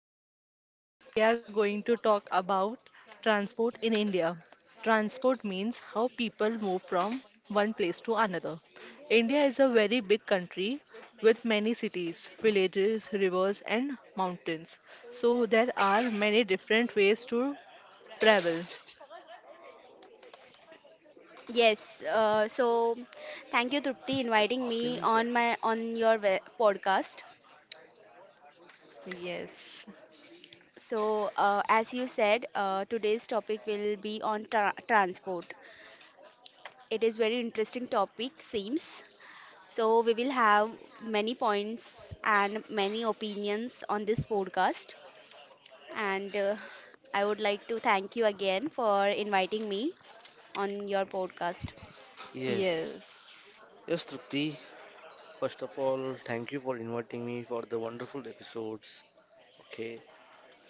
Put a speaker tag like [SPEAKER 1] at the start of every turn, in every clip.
[SPEAKER 1] podcast. Today we are going to talk about transport in India. Transport means how people move from one place to another. India is a very big country with many cities, villages, rivers, and mountains. So there are many different ways to travel.
[SPEAKER 2] Yes, so thank you, Trupti, inviting
[SPEAKER 3] आपके
[SPEAKER 2] me
[SPEAKER 3] लिए क्या
[SPEAKER 2] on my on your we- podcast.
[SPEAKER 1] Yes,
[SPEAKER 2] So, as you said, today's topic will be on transport. It is very interesting topic, seems. So we will have many points and many opinions on this podcast. And I would like to thank you again for inviting me on your podcast.
[SPEAKER 3] Yes.
[SPEAKER 1] yes.
[SPEAKER 3] Yes, Trupti. First of all, thank you for inviting me for the wonderful episodes. Okay,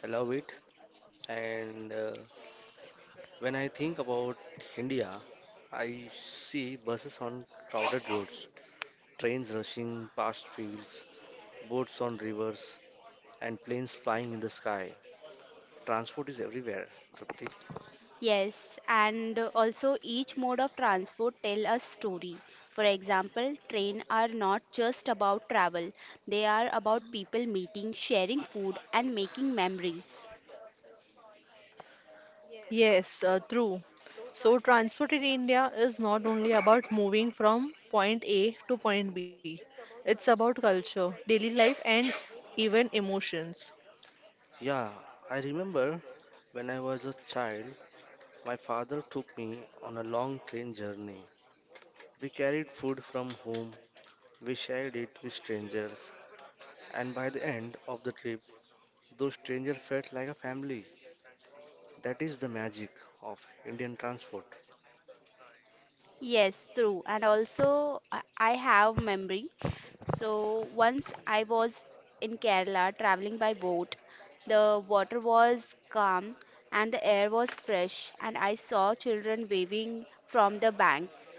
[SPEAKER 3] I love it. And When I think about India, I see buses on crowded roads, trains rushing past fields, boats on rivers, and planes flying in the sky. Transport is everywhere, Trupti.
[SPEAKER 2] Yes, and also each mode of transport tell a story. For example, train are not just about travel. They are about people meeting, sharing food and making memories.
[SPEAKER 1] Yes, true. So, transport in India is not only about moving from point A to point B, it's about culture, daily life, and even emotions.
[SPEAKER 3] Yeah, I remember when I was a child, my father took me on a long train journey. We carried food from home, we shared it with strangers, and by the end of the trip, those strangers felt like a family. That is the magic of Indian transport.
[SPEAKER 2] Yes, true. And also I have memory. So once I was in Kerala traveling by boat. The water was calm and the air was fresh and I saw children waving from the banks.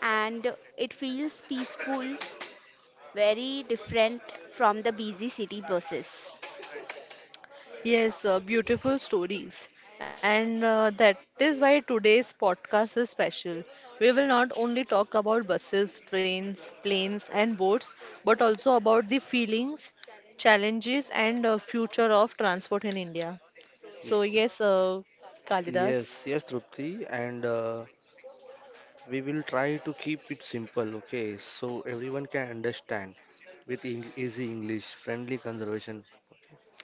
[SPEAKER 2] And it feels peaceful, very different from the busy city buses.
[SPEAKER 1] Yes, beautiful stories. And That is why today's podcast is special. We will not only talk about buses, trains, planes, and boats, but also about the feelings, challenges, and future of transport in India. So, yes, Kalidas.
[SPEAKER 3] Yes, yes, Trupti, and we will try to keep it simple, okay, so everyone can understand with easy English, friendly conversation.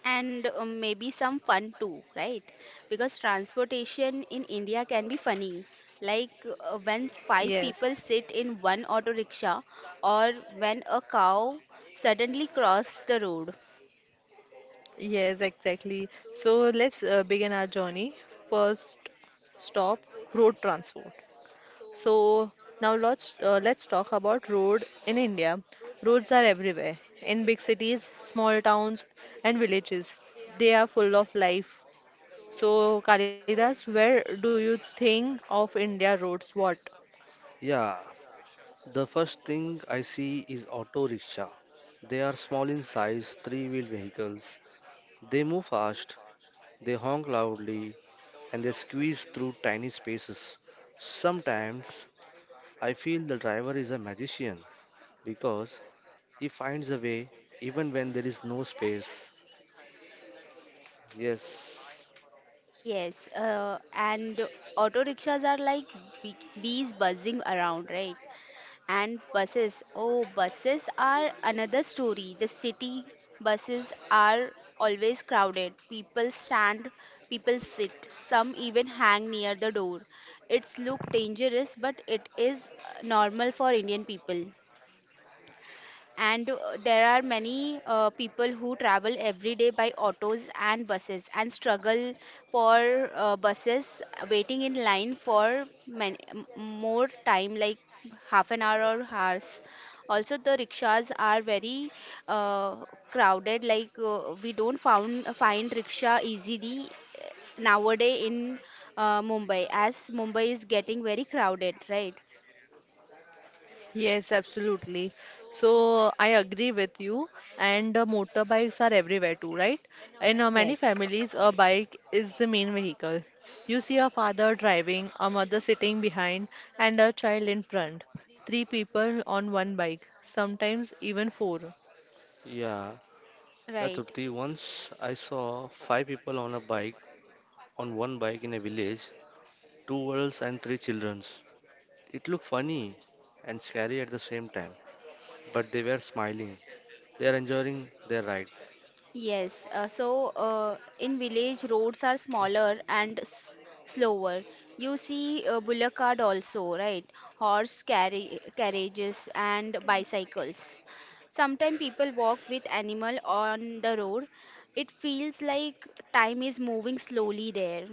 [SPEAKER 2] And maybe some fun too, right? Because transportation in India can be funny. Like when five
[SPEAKER 1] Yes,
[SPEAKER 2] people sit in one auto rickshaw, or when a cow suddenly crosses the road.
[SPEAKER 1] yes, exactly. So let's begin our journey. First stop, road transport. So now let's talk about road in India. Roads are everywhere, in big cities, small towns, and villages. They are full of life. So Kalidas, where do you think of India roads? What?
[SPEAKER 3] Yeah, the first thing I see is auto rickshaw. They are small in size, three-wheel vehicles. They move fast. They honk loudly and they squeeze through tiny spaces. Sometimes I feel the driver is a magician because he finds a way even when there is no space. Yes.
[SPEAKER 2] Yes, and auto rickshaws are like bees buzzing around, right? And buses. Oh, buses are another story. The city buses are always crowded. People stand, people sit, some even hang near the door. It's look dangerous, but it is normal for Indian people and there are many people who travel every day by autos and buses and struggle for buses waiting in line for many, more time like half an hour or hours. Also the rickshaws are very uh, crowded. Like we don't found find rickshaw easily nowadays in Mumbai, as Mumbai is getting very crowded, right?
[SPEAKER 1] Yes, absolutely. So I agree with you. And Motorbikes are everywhere too, right? In many
[SPEAKER 2] Yes,
[SPEAKER 1] families, a bike is the main vehicle. You see a father driving, a mother sitting behind, and a child in front. Three people on one bike, sometimes even four.
[SPEAKER 3] Yeah,
[SPEAKER 2] right.
[SPEAKER 3] Yatruti, once I saw five people on a bike, on one bike in a village, two adults and three childrens. It looked funny and scary at the same time, but they were smiling. They are enjoying their ride.
[SPEAKER 2] Yes, so in village roads are smaller and s slower. You see bullock cart also, right? Horse carri carriages and bicycles. Sometimes people walk with animal on the road. It feels like time is moving slowly there.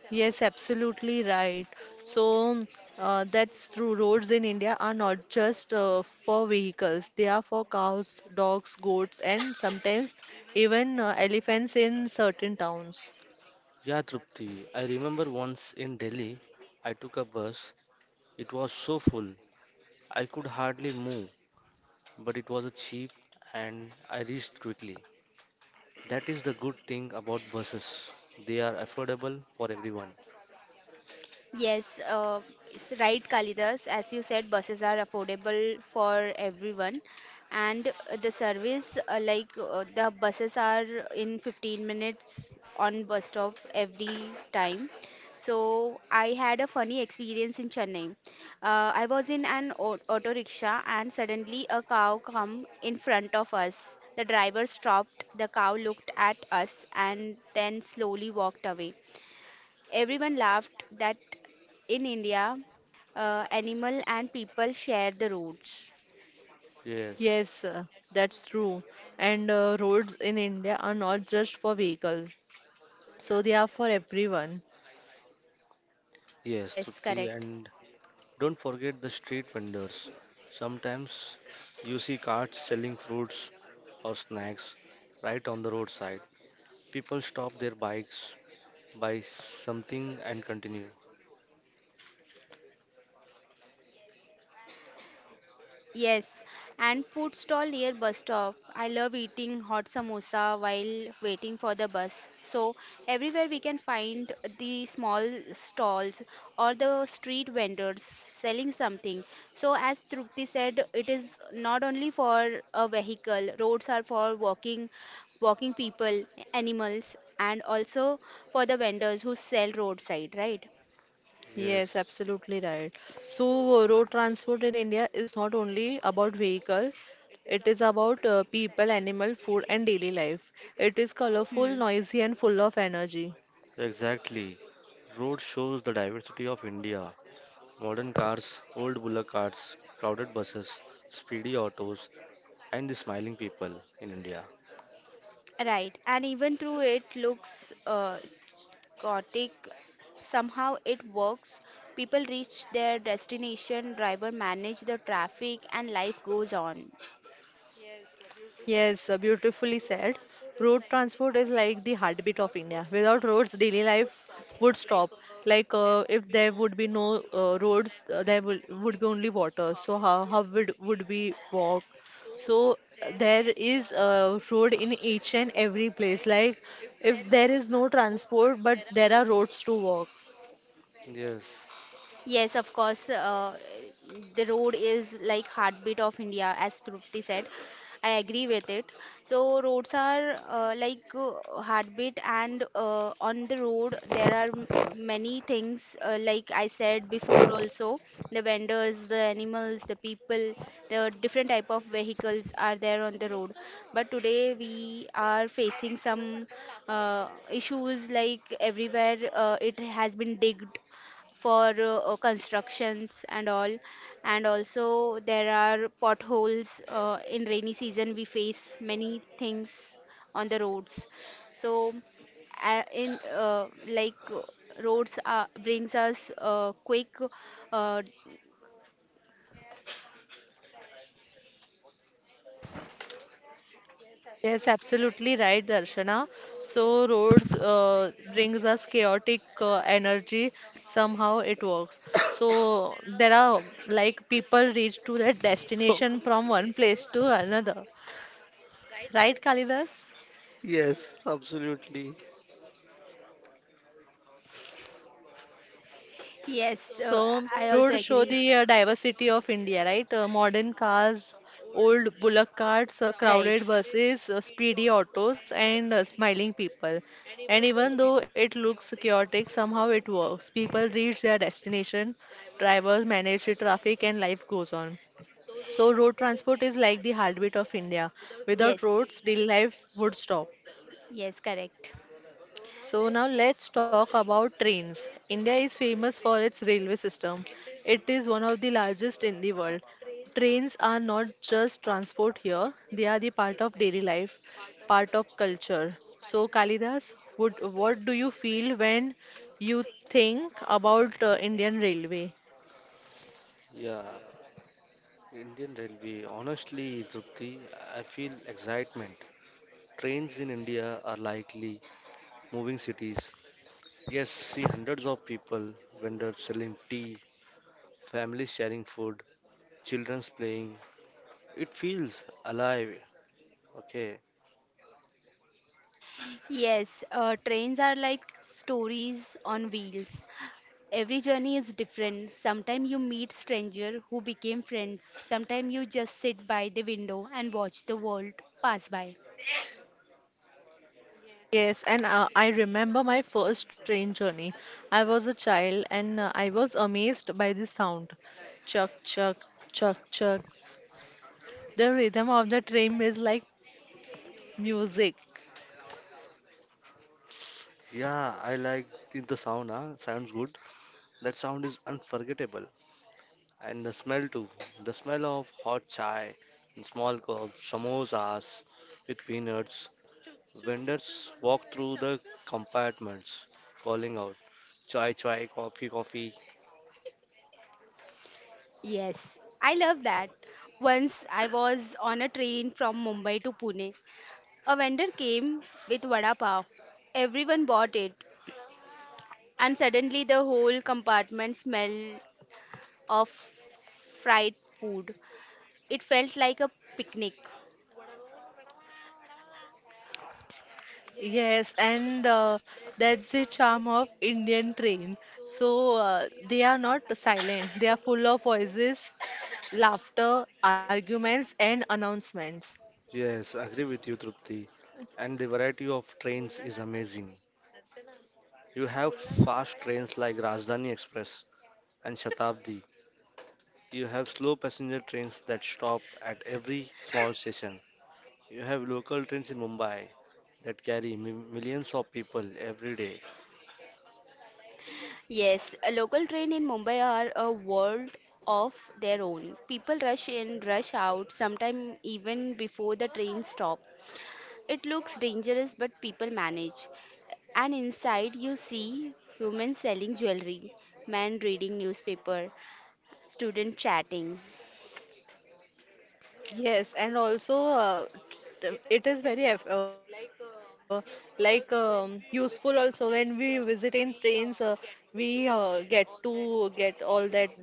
[SPEAKER 1] Yes, absolutely right. So that's true. Roads in India are not just for vehicles, they are for cows, dogs, goats, and sometimes even elephants in certain towns.
[SPEAKER 3] Yeah, Trupti, I remember once in Delhi, I took a bus. It was so full, I could hardly move, but it was cheap and I reached quickly. That is the good thing about buses. They are affordable for everyone.
[SPEAKER 2] Yes, it's right, Kalidas. As you said, buses are affordable for everyone, and the service, like the buses are in 15 minutes on bus stop every time. So I had a funny experience in Chennai. I was in an auto rickshaw, and suddenly a cow come in front of us. The driver stopped. The cow looked at us and then slowly walked away. Everyone laughed that in India, animal and people share the roads.
[SPEAKER 3] Yes,
[SPEAKER 1] Yes, that's true. And roads in India are not just for vehicles, so they are for everyone.
[SPEAKER 3] yes,
[SPEAKER 2] Yes,
[SPEAKER 3] Trupti,
[SPEAKER 2] correct.
[SPEAKER 3] and don't forget the street vendors. Sometimes you see carts selling fruits or snacks right on the roadside. People stop their bikes, buy something, and continue.
[SPEAKER 2] Yes, and food stall near bus stop. I love eating hot samosa while waiting for the bus. So everywhere we can find the small stalls or the street vendors selling something. So as Trupti said, it is not only for a vehicle. Roads are for walking, walking people, animals, and also for the vendors who sell roadside, right?
[SPEAKER 1] Yes,
[SPEAKER 3] Yes,
[SPEAKER 1] absolutely right. So, road transport in India is not only about vehicles; it is about people, animal, food, and daily life. It is colorful, noisy, and full of energy.
[SPEAKER 3] exactly. Road shows the diversity of India. Modern cars, old bullock carts, crowded buses, speedy autos, and the smiling people in India.
[SPEAKER 2] Right, and even though it looks chaotic, somehow it works. People reach their destination, driver manage the traffic, and life goes on.
[SPEAKER 1] Yes, beautifully said. Road transport is like the heartbeat of India. Without roads, daily life would stop. Like if there would be no roads, there would be only water. So how would we walk? So there is a road in each and every place. Like if there is no transport, but there are roads to walk.
[SPEAKER 3] Yes.
[SPEAKER 2] Yes, of course. The road is like heartbeat of India, as Trupti said. I agree with it. So roads are like heartbeat, and on the road there are many things. Like I said before, also the vendors, the animals, the people, the different type of vehicles are there on the road. But today we are facing some issues, like everywhere it has been digged for constructions and all, and also there are potholes. In rainy season we face many things on the roads, so in like roads brings us quick uh,
[SPEAKER 1] Yes, absolutely right, Darshana. So roads brings us chaotic energy. Somehow it works. So there are like people reach to their destination from one place to another. Right, Kalidas?
[SPEAKER 3] Yes, absolutely.
[SPEAKER 2] yes,
[SPEAKER 1] So,
[SPEAKER 2] I also
[SPEAKER 1] road show
[SPEAKER 2] agree.
[SPEAKER 1] the diversity of India, right? Modern cars, old bullock carts,
[SPEAKER 2] Right.
[SPEAKER 1] crowded buses, speedy autos, and smiling people. And even though it looks chaotic, somehow it works. People reach their destination, drivers manage the traffic, and life goes on. So, road transport is like the heartbeat of India. Without
[SPEAKER 2] Yes,
[SPEAKER 1] roads, daily life would stop.
[SPEAKER 2] yes, correct.
[SPEAKER 1] So now let's talk about trains. India is famous for its railway system. It is one of the largest in the world. Trains are not just transport here, they are the part of daily life, part of culture. So Kalidas, what do you feel when you think about Indian Railway?
[SPEAKER 3] Yeah, Indian Railway. Honestly, Trupti, I feel excitement. Trains in India are likely moving cities. Yes, see hundreds of people, vendors selling tea, families sharing food, children's playing. It feels alive. Okay.
[SPEAKER 2] Yes, trains are like stories on wheels. Every journey is different. Sometimes you meet stranger who became friends. Sometimes you just sit by the window and watch the world pass by.
[SPEAKER 1] Yes, and I remember my first train journey. I was a child and I was amazed by the sound. Chuck, chuck, chuck, chuck. The rhythm of the train is like music.
[SPEAKER 3] Yeah, I like the sound, huh? Sounds good. That sound is unforgettable. And the smell too. The smell of hot chai in small cups, samosas with peanuts. Vendors walk through the compartments, calling out, chai chai, coffee coffee.
[SPEAKER 2] Yes, I love that. Once I was on a train from Mumbai to Pune. A vendor came with vada pav. Everyone bought it, and suddenly the whole compartment smelled of fried food. It felt like a picnic.
[SPEAKER 1] Yes, and that's the charm of Indian train. So they are not silent. They are full of voices, laughter, arguments, and announcements.
[SPEAKER 3] Yes, agree with you, Trupti. And the variety of trains is amazing. You have fast trains like Rajdhani Express and Shatabdi. You have slow passenger trains that stop at every small station. You have local trains in Mumbai that carry millions of people every day.
[SPEAKER 2] Yes, a local train in Mumbai are a world of their own. People rush in, rush out, sometimes even before the train stop. It looks dangerous, but people manage. And inside, you see women selling jewelry, men reading newspaper, student chatting.
[SPEAKER 1] Yes, and also it is very like useful also when we visit in trains, we get to get all that jewelries.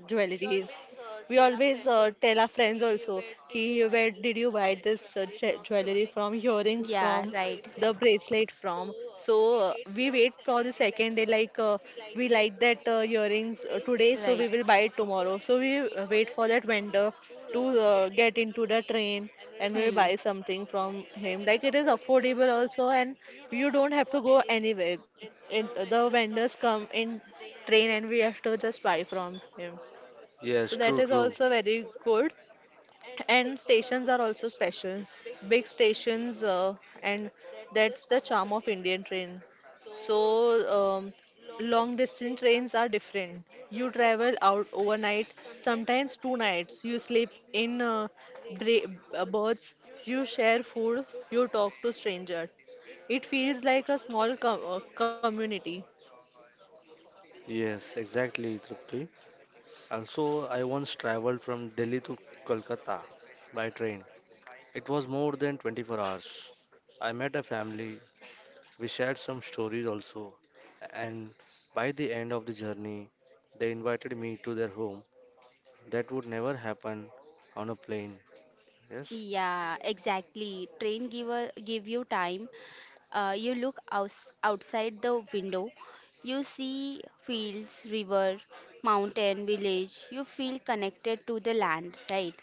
[SPEAKER 1] We always tell our friends also ki where did you buy this jewelry from, earrings from,
[SPEAKER 2] Yeah,
[SPEAKER 1] the
[SPEAKER 2] right,
[SPEAKER 1] bracelet from. So we wait for the second day like we like that earrings today, so
[SPEAKER 2] right.
[SPEAKER 1] we will buy it tomorrow. So we wait for that vendor to get into the train and we'll
[SPEAKER 2] Hmm.
[SPEAKER 1] buy something from him. Like it is affordable also, and you don't have to go anywhere. It, the vendors come in train and we have to just buy from him. So
[SPEAKER 3] Yes,
[SPEAKER 1] that
[SPEAKER 3] true,
[SPEAKER 1] is
[SPEAKER 3] true.
[SPEAKER 1] also very good. And stations are also special. Big stations, and that's the charm of Indian train. So, um, long distance trains are different. You travel out overnight, sometimes two nights. You sleep in berths, you share food, you talk to strangers. It feels like a small community.
[SPEAKER 3] Yes, exactly, Trupti. Also, I once traveled from Delhi to Kolkata by train. It was more than 24 hours. I met a family. We shared some stories also, and by the end of the journey, they invited me to their home. That would never happen on a plane. Yes,
[SPEAKER 2] Yeah, exactly. Train give you time. You look outside the window. You see fields, river, mountain, village. You feel connected to the land, right?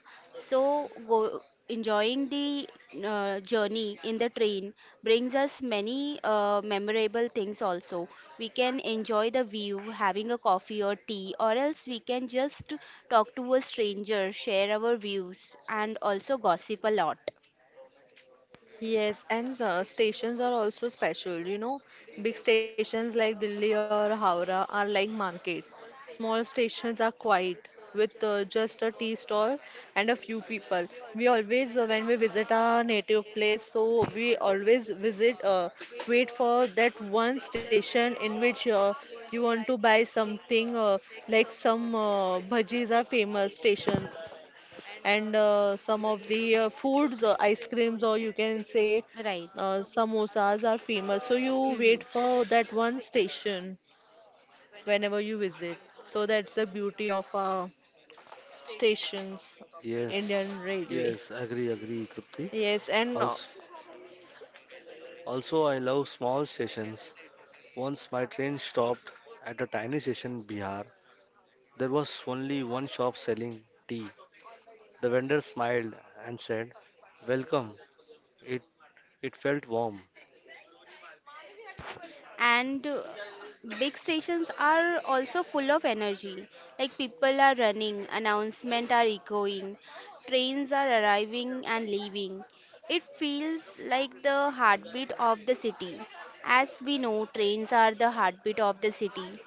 [SPEAKER 2] So go, enjoying the journey in the train brings us many memorable things also. We can enjoy the view, having a coffee or tea, or else we can just talk to a stranger, share our views, and also gossip a lot.
[SPEAKER 1] Yes, and stations are also special, you know. Big stations like Delhi or Howrah are like markets. Small stations are quiet with just a tea stall and a few people. We always, when we visit our native place, so we always visit, wait for that one station in which you want to buy something, like some bhajis are famous station and some of the foods, ice creams, or you can say
[SPEAKER 2] Right.
[SPEAKER 1] samosas are famous. So you
[SPEAKER 2] Hmm, hmm.
[SPEAKER 1] wait for that one station whenever you visit. So that's the beauty of our stations,
[SPEAKER 3] yes,
[SPEAKER 1] Indian Railway.
[SPEAKER 3] yes, agree, agree, Tripti.
[SPEAKER 1] Yes, and
[SPEAKER 3] Also, also, I love small stations. Once my train stopped at a tiny station in Bihar. There was only one shop selling tea. The vendor smiled and said, "Welcome." It it felt warm.
[SPEAKER 2] And big stations are also full of energy, like people are running, announcements are echoing, trains are arriving and leaving. It feels like the heartbeat of the city, as we know trains are the heartbeat of the city.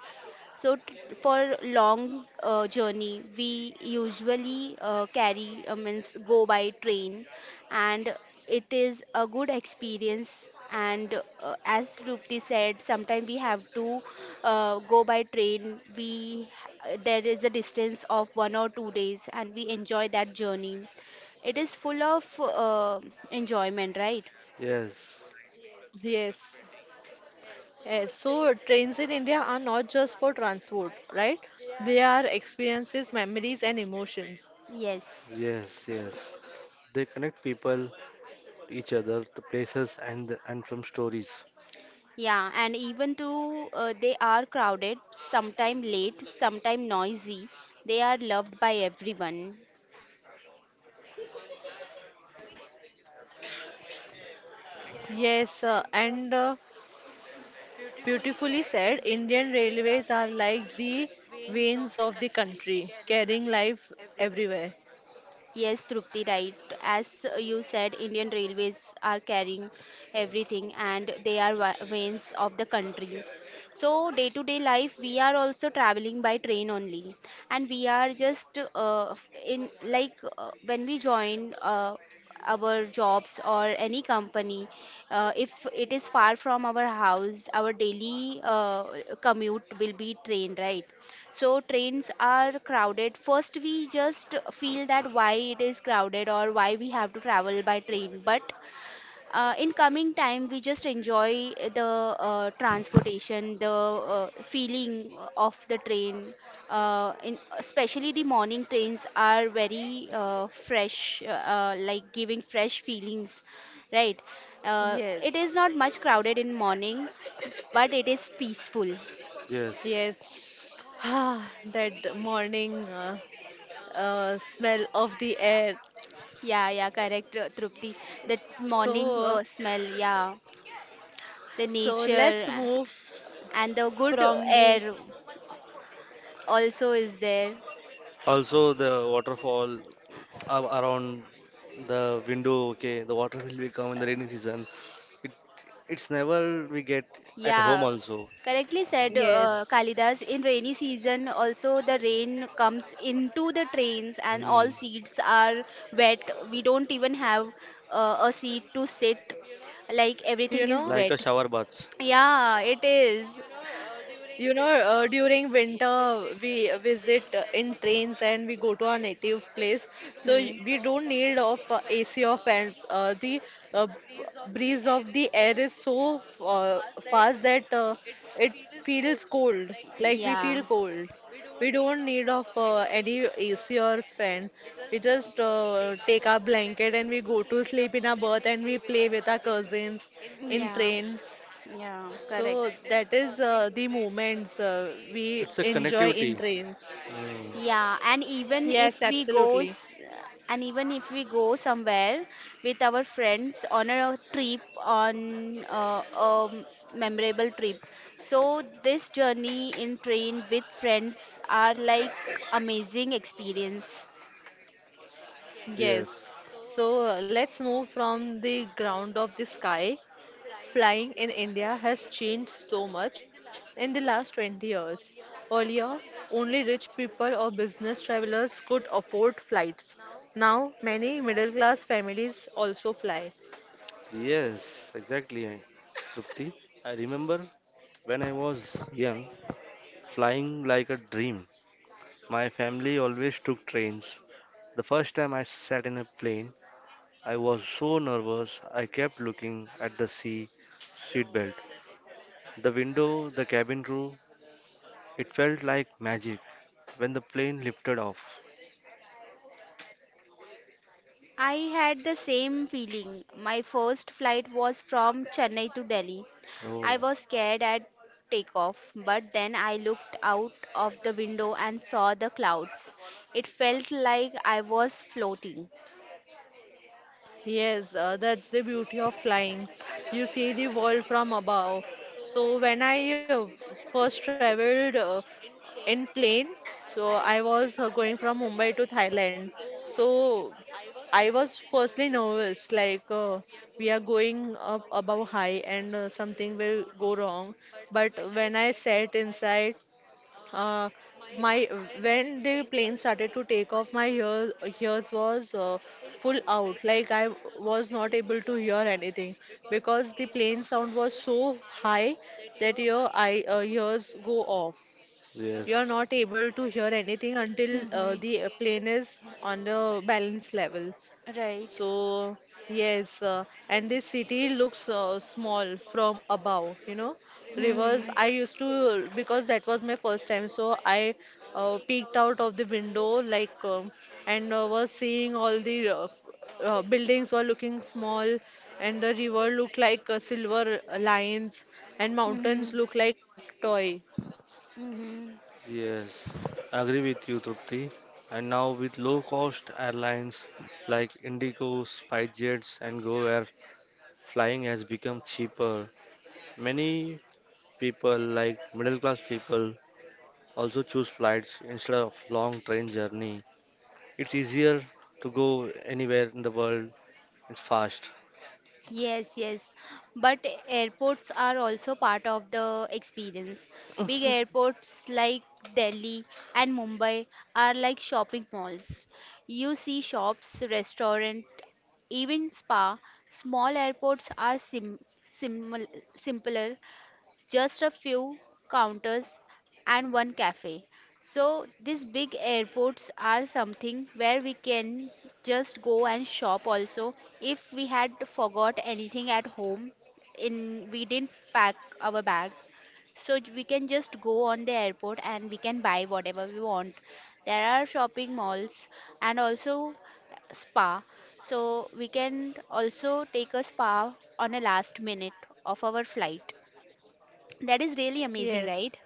[SPEAKER 2] So for long journey, we usually carry means go by train, and it is a good experience. And as Rupti said, sometimes we have to go by train. We There is a distance of 1 or 2 days, and we enjoy that journey. It is full of enjoyment, right?
[SPEAKER 3] Yes,
[SPEAKER 1] yes. Yes, so trains in India are not just for transport, right? They are experiences, memories, and emotions.
[SPEAKER 2] Yes.
[SPEAKER 3] yes, yes. They connect people, to each other, the places, and the, and from stories.
[SPEAKER 2] Yeah, and even though they are crowded, sometime late, sometime noisy, they are loved by everyone.
[SPEAKER 1] Yes, and beautifully said, Indian railways are like the veins of the country, carrying life everywhere.
[SPEAKER 2] Yes, Trupti, right. As you said, Indian Railways are carrying everything and they are veins of the country. So, day to day life, we are also traveling by train only. And we are just in like when we join our jobs or any company, if it is far from our house, our daily commute will be train, right? So trains are crowded. First we just feel that why it is crowded or why we have to travel by train, but in coming time we just enjoy the transportation, the feeling of the train. Especially the morning trains are very fresh, like giving fresh feelings, right?
[SPEAKER 1] Yes.
[SPEAKER 2] It is not much crowded in morning, but it is peaceful.
[SPEAKER 3] Yes.
[SPEAKER 1] Yes, ah, that morning smell of the air.
[SPEAKER 2] Yeah, yeah, correct, Trupti. That morning
[SPEAKER 1] So,
[SPEAKER 2] smell, yeah. The
[SPEAKER 1] so let's
[SPEAKER 2] nature
[SPEAKER 1] move
[SPEAKER 2] and the good
[SPEAKER 1] from the,
[SPEAKER 2] air also is there.
[SPEAKER 3] Also, the waterfall around the window. Okay, the water will be come in the rainy season. It it's never we get at home
[SPEAKER 2] Yeah,
[SPEAKER 3] also.
[SPEAKER 2] correctly said,
[SPEAKER 1] Yes.
[SPEAKER 2] Kalidas. In rainy season, also the rain comes into the trains and all
[SPEAKER 3] Hmm.
[SPEAKER 2] seats are wet. We don't even have a seat to sit.
[SPEAKER 1] you know,
[SPEAKER 2] Like everything is
[SPEAKER 3] Like a
[SPEAKER 2] wet.
[SPEAKER 3] shower bath.
[SPEAKER 2] Yeah, it is.
[SPEAKER 1] You know, during winter we visit in trains and we go to our native place. So we
[SPEAKER 2] Hmm.
[SPEAKER 1] don't need of AC or fans. Uh, b- Breeze of the air is so fast that it feels cold. Like we
[SPEAKER 2] Yeah,
[SPEAKER 1] feel cold. We don't need of any AC or fan. We just take our blanket and we go to sleep in our berth and we play with our cousins in
[SPEAKER 2] yeah,
[SPEAKER 1] train.
[SPEAKER 2] yeah, correct.
[SPEAKER 1] So that is the moments we
[SPEAKER 3] It's a
[SPEAKER 1] enjoy in
[SPEAKER 3] connectivity.
[SPEAKER 1] trains.
[SPEAKER 3] Hmm.
[SPEAKER 2] Yeah, and even
[SPEAKER 1] Yes,
[SPEAKER 2] if we go,
[SPEAKER 1] absolutely.
[SPEAKER 2] s- and even if we go somewhere with our friends on a trip, on a memorable trip, so this journey in train with friends are like amazing experience.
[SPEAKER 3] Yes,
[SPEAKER 1] Yes. So let's move from the ground of the sky. Flying in India has changed so much in the last 20 years. Earlier, only rich people or business travelers could afford flights. Now, many middle class families also fly.
[SPEAKER 3] yes, exactly, Trupti. I remember when I was young, flying like a dream. My family always took trains. The first time I sat in a plane, I was so nervous. I kept looking at the sea, seatbelt, the window, the cabin crew. It felt like magic when the plane lifted off.
[SPEAKER 2] I had the same feeling. My first flight was from Chennai to Delhi.
[SPEAKER 3] Oh,
[SPEAKER 2] I was scared at takeoff, but then I looked out of the window and saw the clouds. It felt like I was floating.
[SPEAKER 1] Yes, that's the beauty of flying. You see the world from above. So when I first traveled in plane, so I was going from Mumbai to Thailand. So I was firstly nervous, like we are going up above high and something will go wrong. But when I sat inside uh, my when the plane started to take off, ears was full out. Like I was not able to hear anything because the plane sound was so high that your ears go off. You are
[SPEAKER 3] yes.
[SPEAKER 1] not able to hear anything until
[SPEAKER 2] Hmm.
[SPEAKER 1] the plane is on the balance level.
[SPEAKER 2] Right.
[SPEAKER 1] So, yes, and this city looks small from above, you know. Rivers,
[SPEAKER 2] Hmm,
[SPEAKER 1] I used to, because that was my first time, so I peeked out of the window, like, and was seeing all the buildings were looking small, and the river looked like silver lines, and
[SPEAKER 2] hmm,
[SPEAKER 1] mountains look like toy.
[SPEAKER 2] hmm.
[SPEAKER 3] Yes, agree with you, Trupti. And now with low-cost airlines like Indigo, Spicejets, and Go Air, flying has become cheaper. Many people, like middle-class people, also choose flights instead of long train journey. It's easier to go anywhere in the world. It's fast.
[SPEAKER 2] Yes, yes. But airports are also part of the experience. Big airports like Delhi and Mumbai are like shopping malls. You see shops, restaurant, even spa. Small airports are sim simpler, just a few counters and one cafe. So these big airports are something where we can just go and shop also, if we had forgot anything at home, in we didn't pack our bag, so we can just go on the airport and we can buy whatever we want. There are shopping malls and also spa, so we can also take a spa on a last minute of our flight. That is really amazing,
[SPEAKER 1] Yes.
[SPEAKER 2] right?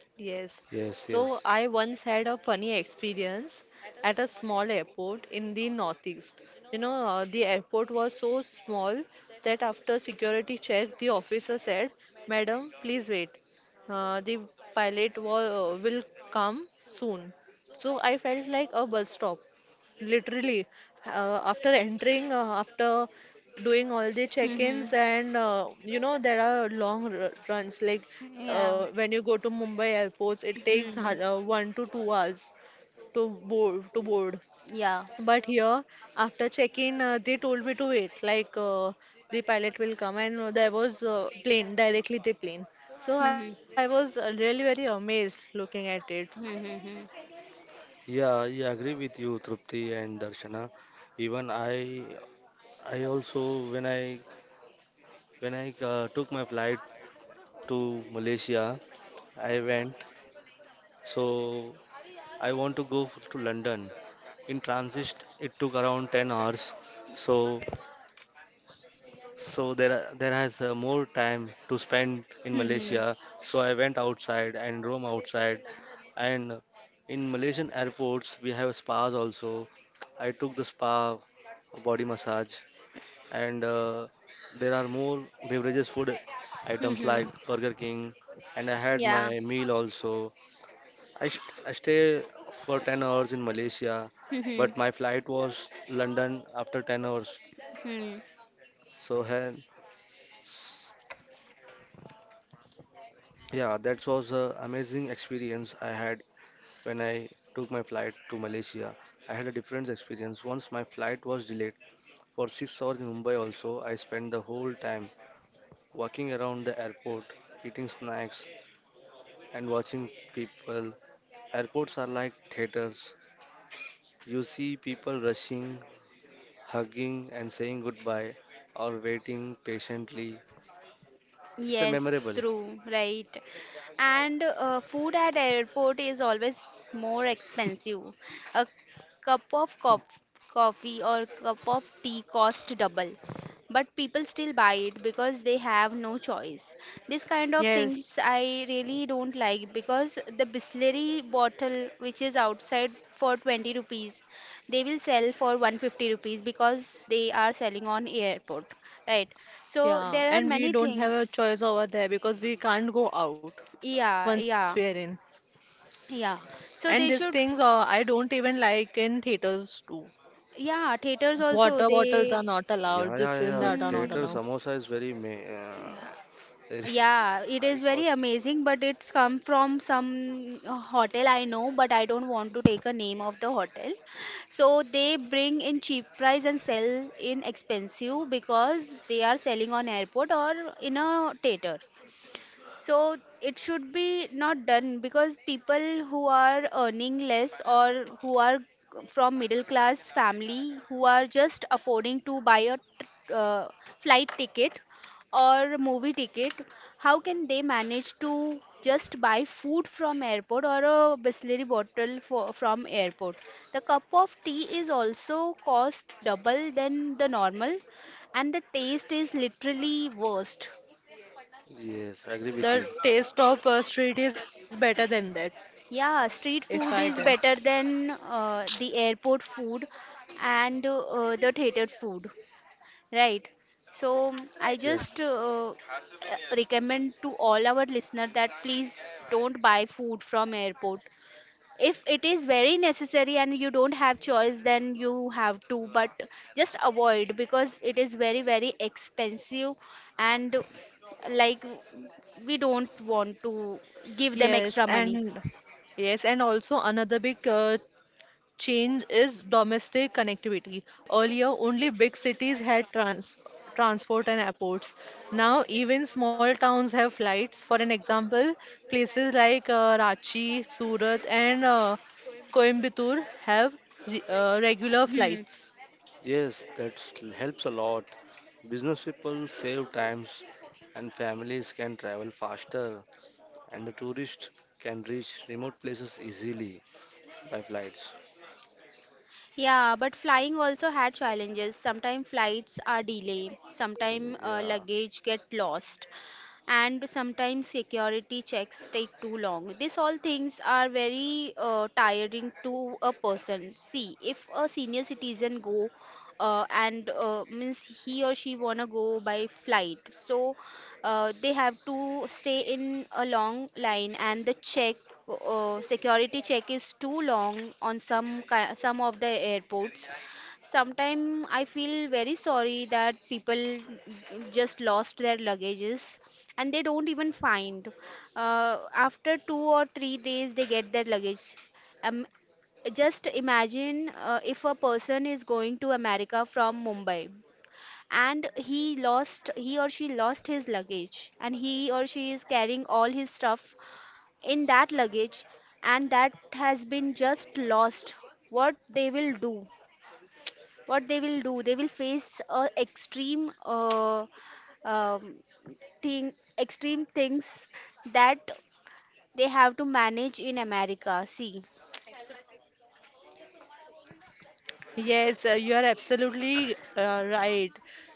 [SPEAKER 1] Yes.
[SPEAKER 3] Yes,
[SPEAKER 1] So
[SPEAKER 3] yes.
[SPEAKER 1] I once had a funny experience at a small airport in the northeast. You know, the airport was so small that after security check, the officer said, "Madam, please wait. The pilot will come soon." So I felt like a bus stop. Literally, after doing all the
[SPEAKER 2] Mm-hmm.
[SPEAKER 1] check-ins and you know there are long r runs like
[SPEAKER 2] Yeah.
[SPEAKER 1] when you go to Mumbai airports it takes
[SPEAKER 2] Hmm.
[SPEAKER 1] 1 to 2 hours to board,
[SPEAKER 2] Yeah.
[SPEAKER 1] but here after check-in they told me to wait like the pilot will come and there was plane directly the plane, so
[SPEAKER 2] Mm-hmm.
[SPEAKER 1] I was really very amazed looking at it.
[SPEAKER 2] Hmm,
[SPEAKER 3] Yeah, I agree with you, Trupti and Darshana. Even I also when I Took my flight to Malaysia, I went. So I want to go to London. In transit, it took around 10 hours. So So there are- there has More time to spend in
[SPEAKER 2] hmm,
[SPEAKER 3] Malaysia. So I went outside and roam outside. And in Malaysian airports, we have spas also. I took the spa body massage, and there are more beverages, food
[SPEAKER 2] hmm,
[SPEAKER 3] items
[SPEAKER 2] hmm,
[SPEAKER 3] like Burger King, and I had
[SPEAKER 2] Yeah.
[SPEAKER 3] my meal also. I stay for 10 hours in Malaysia,
[SPEAKER 2] Hmm.
[SPEAKER 3] but my flight was London after 10 hours.
[SPEAKER 2] Hmm.
[SPEAKER 3] So hen- Yeah, that was an amazing experience I had when I took my flight to Malaysia. I had a different experience. Once my flight was delayed for 6 hours in Mumbai also, I spent the whole time walking around the airport, eating snacks and watching people. Airports are like theaters. You see people rushing, hugging and saying goodbye or waiting patiently. It's a
[SPEAKER 2] Yes,
[SPEAKER 3] memorable.
[SPEAKER 2] true, right. And food at airport is always more expensive. A cup of coffee or cup of tea cost double, but people still buy it because they have no choice. This kind of things
[SPEAKER 1] Yes.
[SPEAKER 2] I really don't like because the Bisleri bottle which is outside for 20 rupees, they will sell for 150 rupees because they are selling on airport, right? So
[SPEAKER 1] Yeah,
[SPEAKER 2] there are
[SPEAKER 1] and we
[SPEAKER 2] many
[SPEAKER 1] don't have a
[SPEAKER 2] things.
[SPEAKER 1] choice over there because we can't go out
[SPEAKER 2] Yeah,
[SPEAKER 1] once we are
[SPEAKER 2] yeah,
[SPEAKER 1] in.
[SPEAKER 2] yeah.
[SPEAKER 1] And
[SPEAKER 2] So
[SPEAKER 1] these
[SPEAKER 2] they should,
[SPEAKER 1] things I don't even like in theaters too.
[SPEAKER 2] yeah, theaters also
[SPEAKER 1] Water bottles are
[SPEAKER 2] they,
[SPEAKER 1] not allowed,
[SPEAKER 3] Yeah, yeah,
[SPEAKER 1] this and
[SPEAKER 3] yeah.
[SPEAKER 1] that are not
[SPEAKER 3] Theater
[SPEAKER 2] hmm,
[SPEAKER 1] allowed.
[SPEAKER 3] samosa is very
[SPEAKER 2] yeah, it
[SPEAKER 3] high
[SPEAKER 2] is very
[SPEAKER 3] cost.
[SPEAKER 2] amazing, but it's come from some hotel I know, but I don't want to take a name of the hotel. So they bring in cheap price and sell in expensive because they are selling on airport or in a theater. So it should be not done because people who are earning less or who are from middle class family who are just affording to buy a flight ticket or movie ticket, how can they manage to just buy food from airport or a bisleri bottle for, from airport? The cup of tea is also cost double than the normal and the taste is literally worst.
[SPEAKER 3] Yes, I agree with
[SPEAKER 1] The
[SPEAKER 3] you.
[SPEAKER 1] taste of street is better than that,
[SPEAKER 2] Yeah,
[SPEAKER 1] if
[SPEAKER 2] street
[SPEAKER 1] I
[SPEAKER 2] food
[SPEAKER 1] tell.
[SPEAKER 2] is better than the airport food and the theater food, right? So I just
[SPEAKER 3] Yes,
[SPEAKER 2] recommend to all our listener that please don't buy food from airport. If it is very necessary and you don't have choice, then you have to, but just avoid because it is very, very expensive and like we don't want to give them
[SPEAKER 1] Yes,
[SPEAKER 2] extra money.
[SPEAKER 1] and also another big change is domestic connectivity. Earlier, only big cities had transport and airports. Now, even small towns have flights. For an example, places like Ranchi, Surat, and Coimbatore have regular
[SPEAKER 2] Hmm.
[SPEAKER 1] flights.
[SPEAKER 3] yes, that helps a lot. Business people save times, and families can travel faster, and the tourists can reach remote places easily by flights.
[SPEAKER 2] Yeah, but flying also had challenges. Sometimes flights are delayed, sometimes
[SPEAKER 3] Yeah,
[SPEAKER 2] luggage get lost, and sometimes security checks take too long. These all things are very tiring to a person. See, if a senior citizen go and means he or she wanna go by flight, so they have to stay in a long line and the check security check is too long on some of the airports. Sometimes I feel very sorry that people just lost their luggages and they don't even find, after 2 or 3 days they get their luggage. um, just imagine, if a person is going to america from mumbai and he or she lost his luggage and he or she is carrying all his stuff in that luggage and that has been just lost, what they will do? What they will do, they will face a extreme um, thing, extreme things that they have to manage in america, see.
[SPEAKER 1] Yes, you are absolutely right.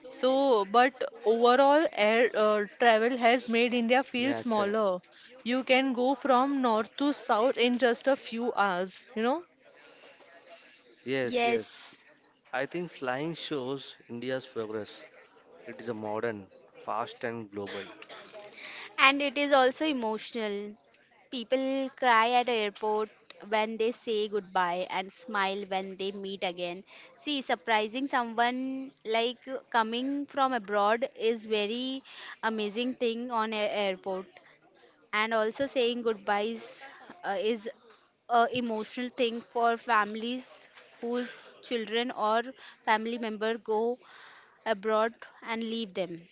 [SPEAKER 1] But overall, air travel has made India feel
[SPEAKER 3] yeah,
[SPEAKER 1] smaller. You can go from north to south in just a few hours, you know?
[SPEAKER 3] yes,
[SPEAKER 2] Yes.
[SPEAKER 3] yes. I think flying shows India's progress. It is a modern, fast, and global.
[SPEAKER 2] And it is also emotional. People cry at airport when they say goodbye and smile when they meet again. See, surprising someone like coming from abroad is very amazing thing on a airport. And also saying goodbyes is a emotional thing for families whose children or family member go abroad and leave them.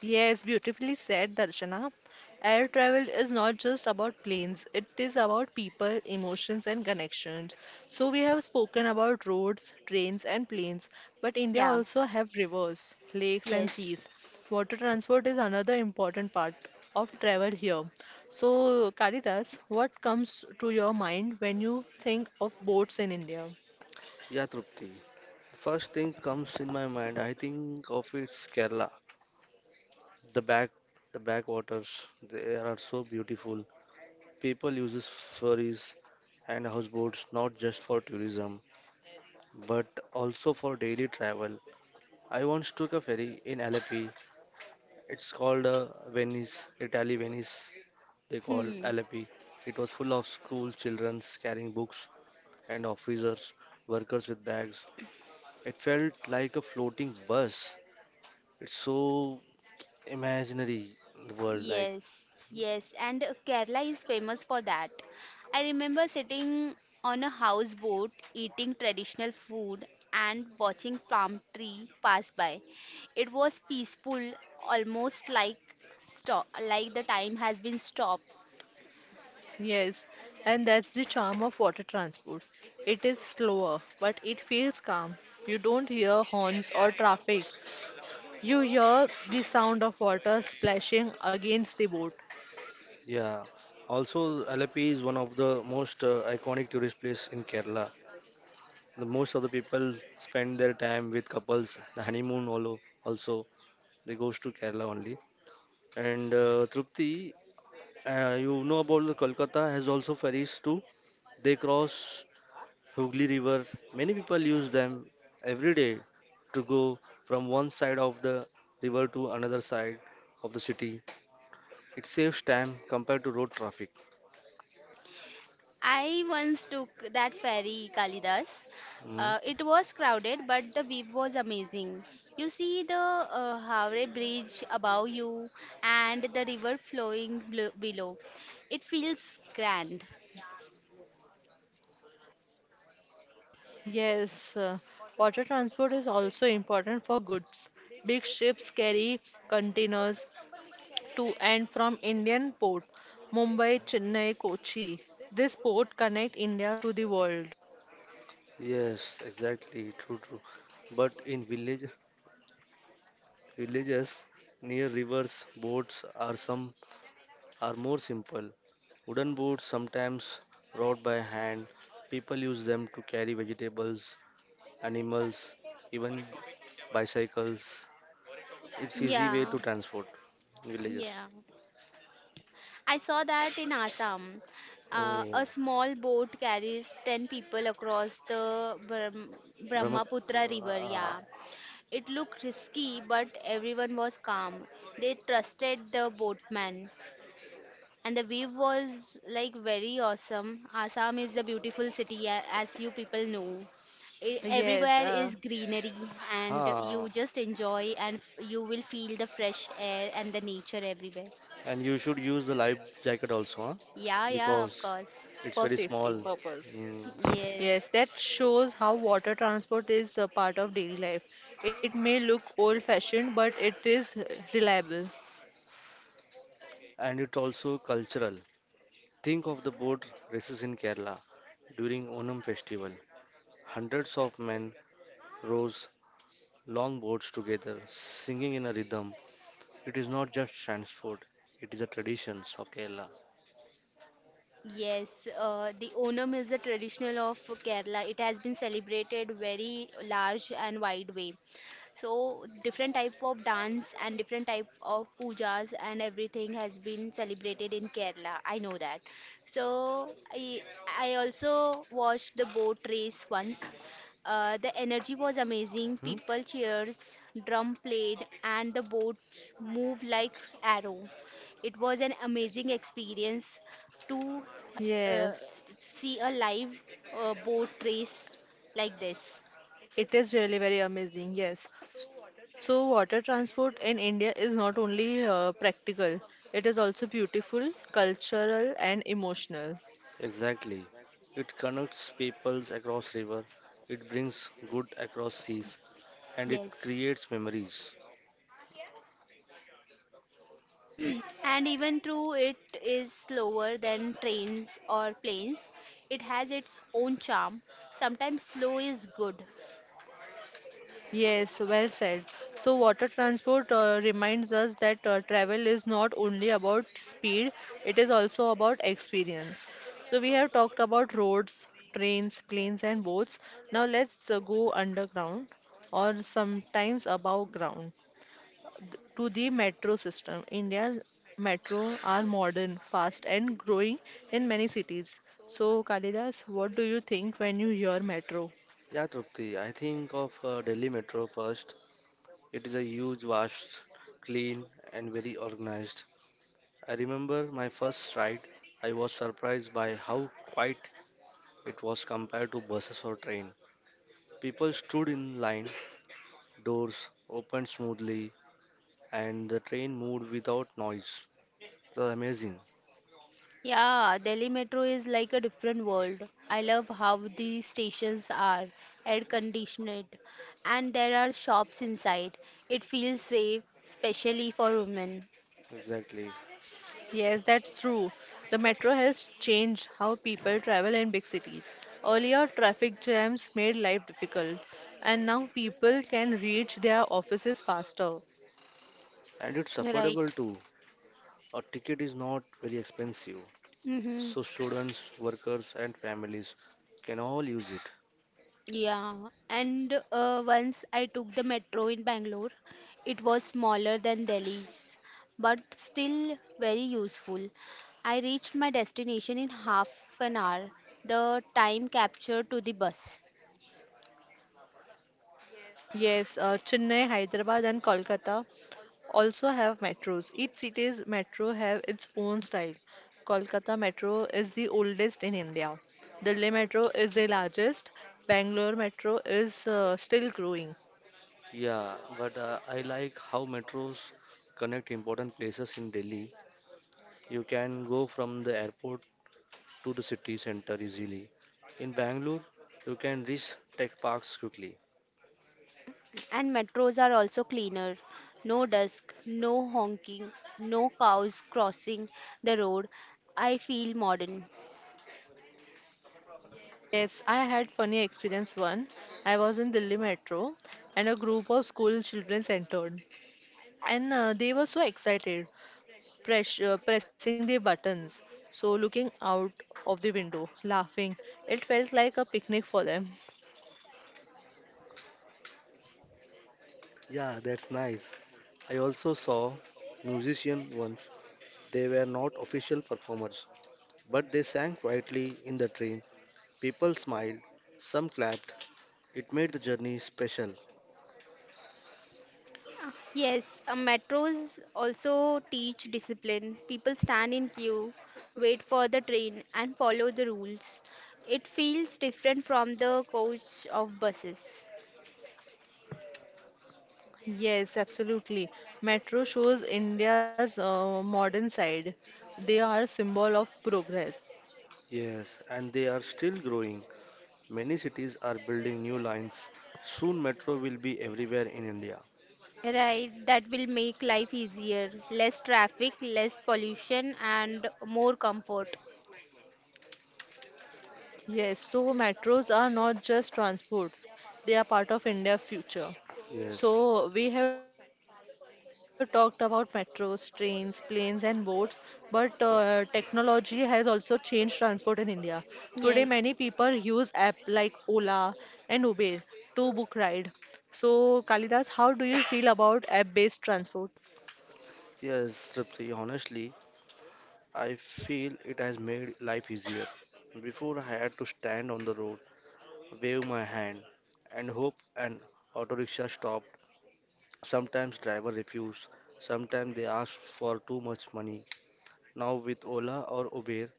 [SPEAKER 1] Yes, beautifully said, Darshana. Air travel is not just about planes, it is about people, emotions, and connections. So, we have spoken about roads, trains, and planes, but India
[SPEAKER 2] Yeah.
[SPEAKER 1] also have rivers, lakes, and
[SPEAKER 2] Yes.
[SPEAKER 1] seas. Water transport is another important part of travel here. So, Kalidas, what comes to your mind when you think of boats in India?
[SPEAKER 3] Yeah, Trupti. First thing comes in my mind, I think of it's Kerala. The back, the backwaters, they are so beautiful. People uses ferries and houseboats not just for tourism, but also for daily travel. I once took a ferry in Alleppey. It's called Venice, Italy Venice. They called
[SPEAKER 2] Hmm.
[SPEAKER 3] Alleppey. It was full of school children carrying books and officers, workers with bags. It felt like a floating bus. It's so imaginary the world like
[SPEAKER 2] Yes, yes, and Kerala is famous for that. I remember sitting on a houseboat, eating traditional food, and watching palm tree pass by. It was peaceful, almost like stop, like the time has been stopped.
[SPEAKER 1] Yes, and that's the charm of water transport. It is slower, but it feels calm. You don't hear horns or traffic. You hear the sound of water splashing against the boat.
[SPEAKER 3] yeah. Also, Alapi is one of the most iconic tourist place in Kerala. The most of the people spend their time with couples. The honeymoon also they goes to Kerala only. And Trupti, you know about the Kolkata has also ferries too. They cross Hooghly River. Many people use them every day to go from one side of the river to another side of the city. It saves time compared to road traffic.
[SPEAKER 2] I once took that ferry, Kalidas.
[SPEAKER 3] Mm.
[SPEAKER 2] It was crowded, but the view was amazing. You see the Havre Bridge above you and the river flowing below. It feels grand.
[SPEAKER 1] Yes, water transport is also important for goods. Big ships carry containers to and from Indian port, Mumbai, Chennai, Kochi. This port connect India to the world.
[SPEAKER 3] Yes, exactly. True, true. But in villages near rivers, boats are more simple. Wooden boats sometimes wrought by hand. People use them to carry vegetables, animals, even bicycles. It's easy way
[SPEAKER 2] Yeah,
[SPEAKER 3] to transport villages.
[SPEAKER 2] yeah. I saw that in Assam.
[SPEAKER 3] Oh,
[SPEAKER 2] A small boat carries 10 people across the Brahmaputra river.
[SPEAKER 3] Brahmaputra.
[SPEAKER 2] Yeah. It looked risky, but everyone was calm. They trusted the boatman, and the view was like very awesome. Assam is a beautiful city, as you people know.
[SPEAKER 1] Yes,
[SPEAKER 2] Everywhere is greenery, and
[SPEAKER 3] Ah,
[SPEAKER 2] you just enjoy, and you will feel the fresh air and the nature everywhere.
[SPEAKER 3] and you should use the life jacket also, huh?
[SPEAKER 2] Yeah, yeah, of
[SPEAKER 3] Because
[SPEAKER 2] course.
[SPEAKER 3] it's
[SPEAKER 1] for
[SPEAKER 3] very
[SPEAKER 1] safety
[SPEAKER 3] small.
[SPEAKER 1] purpose.
[SPEAKER 3] Mm.
[SPEAKER 2] Yes.
[SPEAKER 1] Yes, that shows how water transport is a part of daily life. It may look old-fashioned, but it is reliable.
[SPEAKER 3] And it's also cultural. Think of the boat races in Kerala during Onam festival. Hundreds of men rows long boats together, singing in a rhythm. It is not just transport; it is a traditions of Kerala.
[SPEAKER 2] Yes, the Onam is the traditional of Kerala. It has been celebrated very large and wide way. So different type of dance and different type of pujas and everything has been celebrated in Kerala. I know that. So I also watched the boat race once. The energy was amazing.
[SPEAKER 3] Hmm?
[SPEAKER 2] People cheers, drum played, and the boats moved like arrow. It was an amazing experience to uh,
[SPEAKER 1] Yes,
[SPEAKER 2] see a live boat race like this.
[SPEAKER 1] it is really very amazing. Yes. So, water transport in India is not only practical, it is also beautiful, cultural, and emotional.
[SPEAKER 3] Exactly. It connects peoples across river. It brings good across seas, and it
[SPEAKER 2] Yes.
[SPEAKER 3] creates memories.
[SPEAKER 2] And even though it is slower than trains or planes, it has its own charm. Sometimes slow is good.
[SPEAKER 1] Yes, well said. So, water transport reminds us that travel is not only about speed, it is also about experience. So, we have talked about roads, trains, planes, and boats. Now, let's go underground or sometimes above ground to the metro system. India's metro are modern, fast, and growing in many cities. So, Kalidas, what do you think when you hear metro?
[SPEAKER 3] Yeah, Trupti, I think of Delhi Metro first. It is a huge, vast, clean, and very organized. I remember my first ride. I was surprised by how quiet it was compared to buses or train. People stood in line, doors opened smoothly, and the train moved without noise. It was amazing.
[SPEAKER 2] Yeah, Delhi Metro is like a different world. I love how the stations are air conditioned and there are shops inside. It feels safe, especially for women.
[SPEAKER 3] Exactly.
[SPEAKER 1] Yes, that's true. The metro has changed how people travel in big cities. Earlier, traffic jams made life difficult, and now people can reach their offices faster.
[SPEAKER 3] And it's
[SPEAKER 2] Right.
[SPEAKER 3] affordable too. A ticket is not very expensive,
[SPEAKER 2] Mm-hmm.
[SPEAKER 3] so students, workers, and families can all use it.
[SPEAKER 2] Yeah, and once I took the metro in Bangalore. It was smaller than Delhi's, but still very useful. I reached my destination in half an hour, the time captured to the bus.
[SPEAKER 1] Yes, Chennai, Hyderabad, and Kolkata also have metros. Each city's metro have its own style. Kolkata Metro is the oldest in India. Delhi Metro is the largest. Bangalore Metro is still growing.
[SPEAKER 3] Yeah, but I like how metros connect important places in Delhi. You can go from the airport to the city center easily. In Bangalore, you can reach tech parks quickly.
[SPEAKER 2] And metros are also cleaner. No dusk, no honking, no cows crossing the road. I feel modern.
[SPEAKER 1] Yes, I had funny experience one. I was in Delhi metro and a group of school children entered and they were so excited, pressing their buttons, so looking out of the window, laughing. It felt like a picnic for them.
[SPEAKER 3] Yeah, that's nice. I also saw musicians once. They were not official performers, but they sang quietly in the train. People smiled, some clapped. It made the journey special.
[SPEAKER 2] Yes, metros also teach discipline. People stand in queue, wait for the train, and follow the rules. It feels different from the coach of buses.
[SPEAKER 1] Yes, absolutely. Metro shows India's modern side. They are a symbol of progress.
[SPEAKER 3] Yes, and they are still growing. Many cities are building new lines. Soon metro will be everywhere in India.
[SPEAKER 2] Right, that will make life easier. Less traffic, less pollution, and more comfort.
[SPEAKER 1] Yes, so metros are not just transport, they are part of India's future.
[SPEAKER 3] Yes.
[SPEAKER 1] So we have talked about metros, trains, planes, and boats, but technology has also changed transport in India. Today, many people use
[SPEAKER 2] Yes.
[SPEAKER 1] app like Ola and Uber to book ride. So, Kalidas, how do you feel about app-based transport?
[SPEAKER 3] Yes, Tripti, honestly, I feel it has made life easier. Before I had to stand on the road, wave my hand, and hope an auto rickshaw stopped. Sometimes driver refused, sometimes they asked for too much money. Now with Ola or Uber,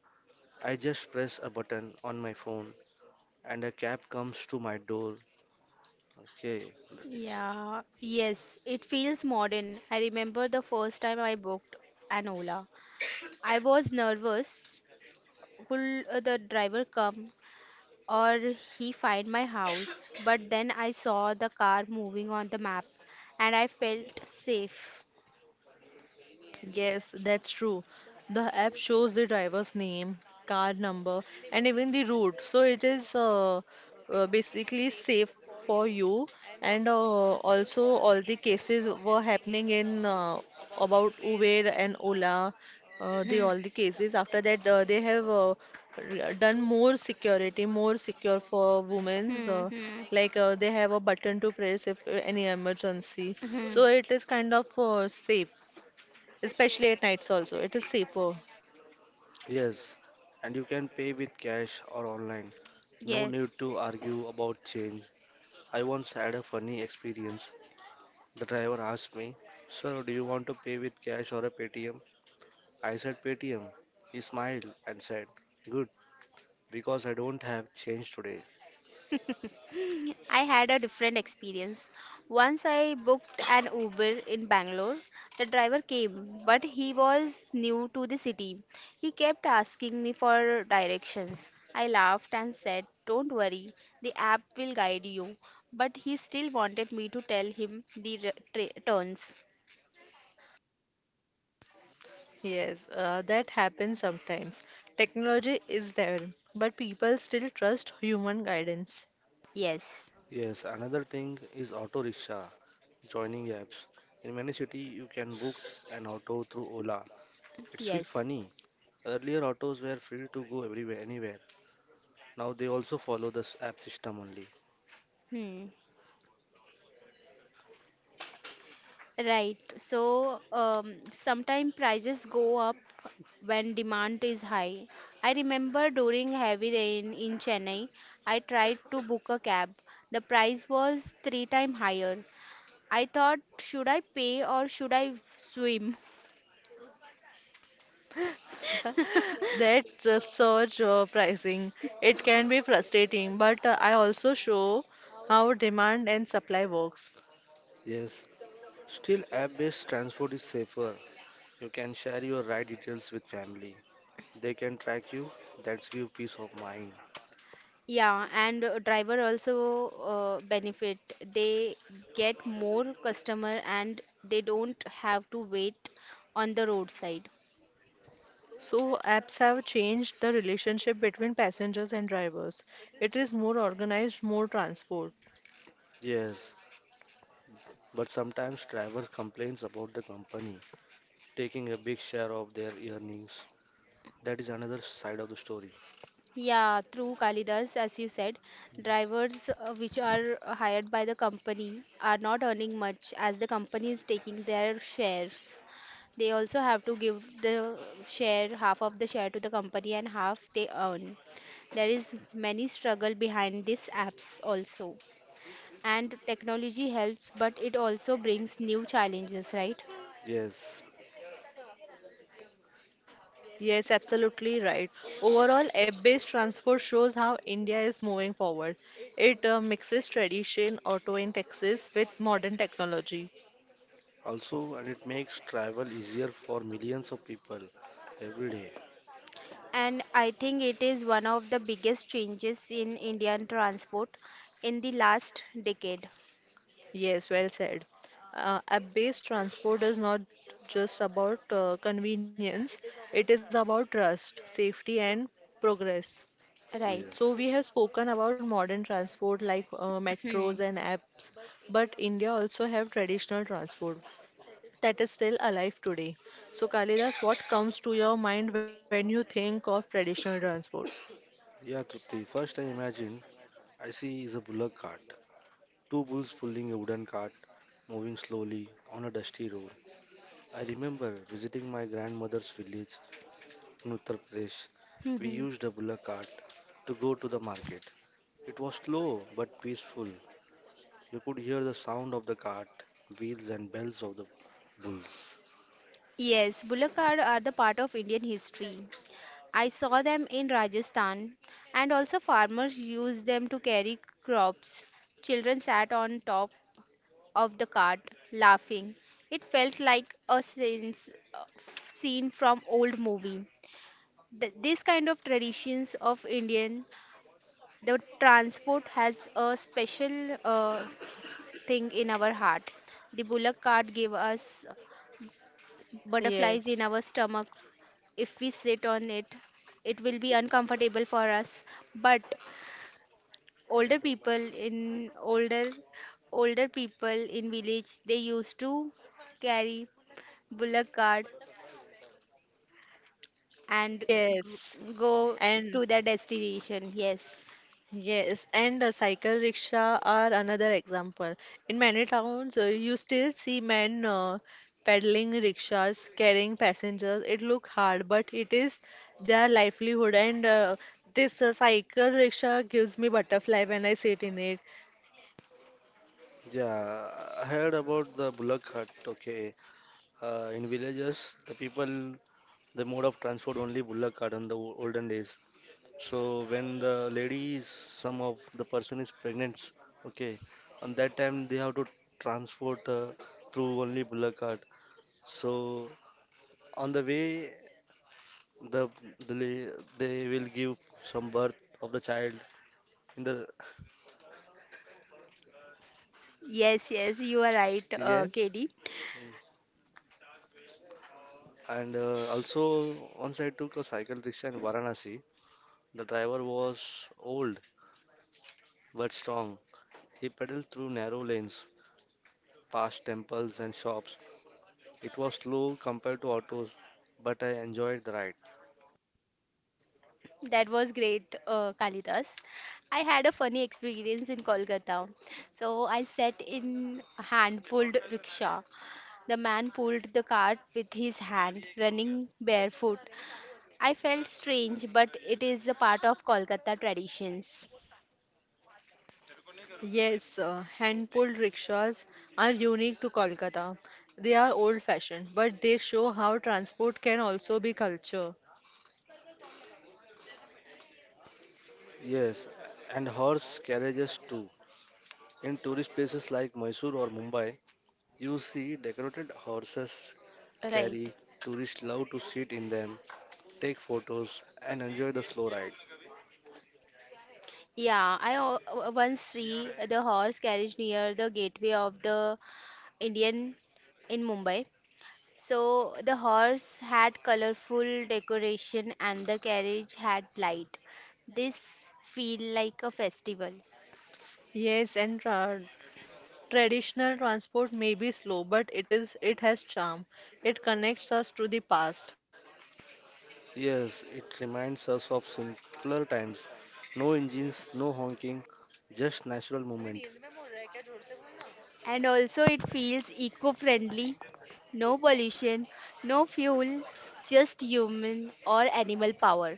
[SPEAKER 3] I just press a button on my phone and a cab comes to my door. Okay.
[SPEAKER 2] Yeah, yes, it feels modern. I remember the first time I booked an Ola. I was nervous. Will, the driver come? Or he find my house? But then I saw the car moving on the map and I felt safe.
[SPEAKER 1] Yes, that's true. The app shows the driver's name, car number, and even the route. So it is basically safe for you. And also, all the cases were happening in about Uber and Ola. The
[SPEAKER 2] Hmm,
[SPEAKER 1] All the cases. After that, they have done more security, more secure for women's.
[SPEAKER 2] hmm, hmm,
[SPEAKER 1] Like they have a button to press if any emergency.
[SPEAKER 2] hmm, hmm.
[SPEAKER 1] So it is kind of safe, especially at nights also. It is safer.
[SPEAKER 3] Yes, and you can pay with cash or online. No need
[SPEAKER 2] Yes.
[SPEAKER 3] to argue about change. I once had a funny experience. The driver asked me, "Sir, do you want to pay with cash or a Paytm?" I said Paytm. He smiled and said, "Good, because I don't have change today."
[SPEAKER 2] I had a different experience. Once I booked an Uber in Bangalore. The driver came, but he was new to the city. He kept asking me for directions. I laughed and said, "Don't worry, the app will guide you." But he still wanted me to tell him the turns.
[SPEAKER 1] Yes, that happens sometimes. Technology is there, but people still trust human guidance.
[SPEAKER 2] Yes,
[SPEAKER 3] Yes, another thing is auto rickshaw joining apps. In many cities, you can book an auto through Ola. It's feel
[SPEAKER 2] yes.
[SPEAKER 3] funny. Earlier, autos were free to go everywhere, anywhere. Now they also follow this app system only.
[SPEAKER 2] Hmm. Right. So sometimes prices go up when demand is high. I remember during heavy rain in Chennai, I tried to book a cab. The price was three times higher. I thought, should I pay or should I swim?
[SPEAKER 1] That surge pricing, it can be frustrating, but I also show how demand and supply works.
[SPEAKER 3] Yes, still app-based transport is safer. You can share your ride details with family. They can track you. That's give peace of mind.
[SPEAKER 2] Yeah, and driver also benefit. They get more customer and they don't have to wait on the roadside.
[SPEAKER 1] So apps have changed the relationship between passengers and drivers. It is more organized, more transport.
[SPEAKER 3] Yes, but sometimes drivers complains about the company taking a big share of their earnings. That is another side of the story.
[SPEAKER 2] Yeah, through Kalidas, as you said, drivers which are hired by the company are not earning much as the company is taking their shares. They also have to give the share, half of the share to the company and half they earn. There is many struggle behind these apps also. And technology helps, but it also brings new challenges, right?
[SPEAKER 3] Yes.
[SPEAKER 1] Yes, absolutely right. Overall, app-based transport shows how India is moving forward. It mixes tradition, auto, and taxis with modern technology.
[SPEAKER 3] Also, and it makes travel easier for millions of people every day.
[SPEAKER 2] And I think it is one of the biggest changes in Indian transport in the last decade.
[SPEAKER 1] Yes, well said. App-based transport is not just about convenience, it is about trust, safety, and progress.
[SPEAKER 2] Right.
[SPEAKER 1] So, we
[SPEAKER 3] Yes.
[SPEAKER 1] have spoken about modern transport like metros
[SPEAKER 2] Hmm.
[SPEAKER 1] and apps, but India also have traditional transport that is still alive today. So, Kalidas, what comes to your mind when you think of traditional transport?
[SPEAKER 3] Yeah, Trupti. First, I imagine I see is a bullock cart. Two bulls pulling a wooden cart, moving slowly on a dusty road. I remember visiting my grandmother's village in Uttar Pradesh. We
[SPEAKER 2] Hmm.
[SPEAKER 3] used a bullock cart to go to the market. It was slow but peaceful. You could hear the sound of the cart, wheels, and bells of the bulls.
[SPEAKER 2] Yes, Bulakar are the part of Indian history. I saw them in Rajasthan, and also farmers used them to carry crops. Children sat on top of the cart, laughing. It felt like a scene from old movie. This kind of traditions of Indian, the transport has a special thing in our heart. The bullock cart gave us
[SPEAKER 1] Yes.
[SPEAKER 2] butterflies in our stomach. If we sit on it, it will be uncomfortable for us. But older people in older older people in village they used to carry bullock cart and
[SPEAKER 1] Yes,
[SPEAKER 2] go
[SPEAKER 1] and
[SPEAKER 2] to their destination. Yes.
[SPEAKER 1] yes, and the cycle rickshaw are another example. In many towns, you still see men peddling rickshaws, carrying passengers. It look hard, but it is their livelihood. And this cycle rickshaw gives me butterfly when I sit in it.
[SPEAKER 3] Yeah, I heard about the bullock cart. Okay, in villages, the people, the mode of transport only bullock cart in the olden days. So when the lady is, some of the person is pregnant, okay, on that time they have to transport through only bullock cart. So on the way, the, the they will give some birth of the child in the
[SPEAKER 2] Yes, yes, you are right,
[SPEAKER 3] yes,
[SPEAKER 2] KD.
[SPEAKER 3] and also once I took a cycle rickshaw in Varanasi, the driver was old but strong. He pedaled through narrow lanes, past temples and shops. It was slow compared to autos, but I enjoyed the ride.
[SPEAKER 2] That was great, Kalidas. I had a funny experience in Kolkata. So I sat in a hand-pulled rickshaw. The man pulled the cart with his hand, running barefoot. I felt strange, but it is a part of Kolkata traditions.
[SPEAKER 1] Yes, hand-pulled rickshaws are unique to Kolkata. They are old-fashioned, but they show how transport can also be culture.
[SPEAKER 3] Yes, and horse carriages too. In tourist places like Mysore or Mumbai, you see decorated horses
[SPEAKER 2] Right.
[SPEAKER 3] carry. Tourists love to sit in them, take photos, and enjoy the slow ride.
[SPEAKER 2] Yeah, I once see the horse carriage near the gateway of the Indian in Mumbai. So the horse had colorful decoration and the carriage had light. This feel like a festival.
[SPEAKER 1] Yes, and traditional transport may be slow, but it has charm. It connects us to the past.
[SPEAKER 3] Yes, it reminds us of simpler times. No engines, no honking, just natural movement.
[SPEAKER 2] And also it feels eco-friendly. No pollution, no fuel, just human or animal power.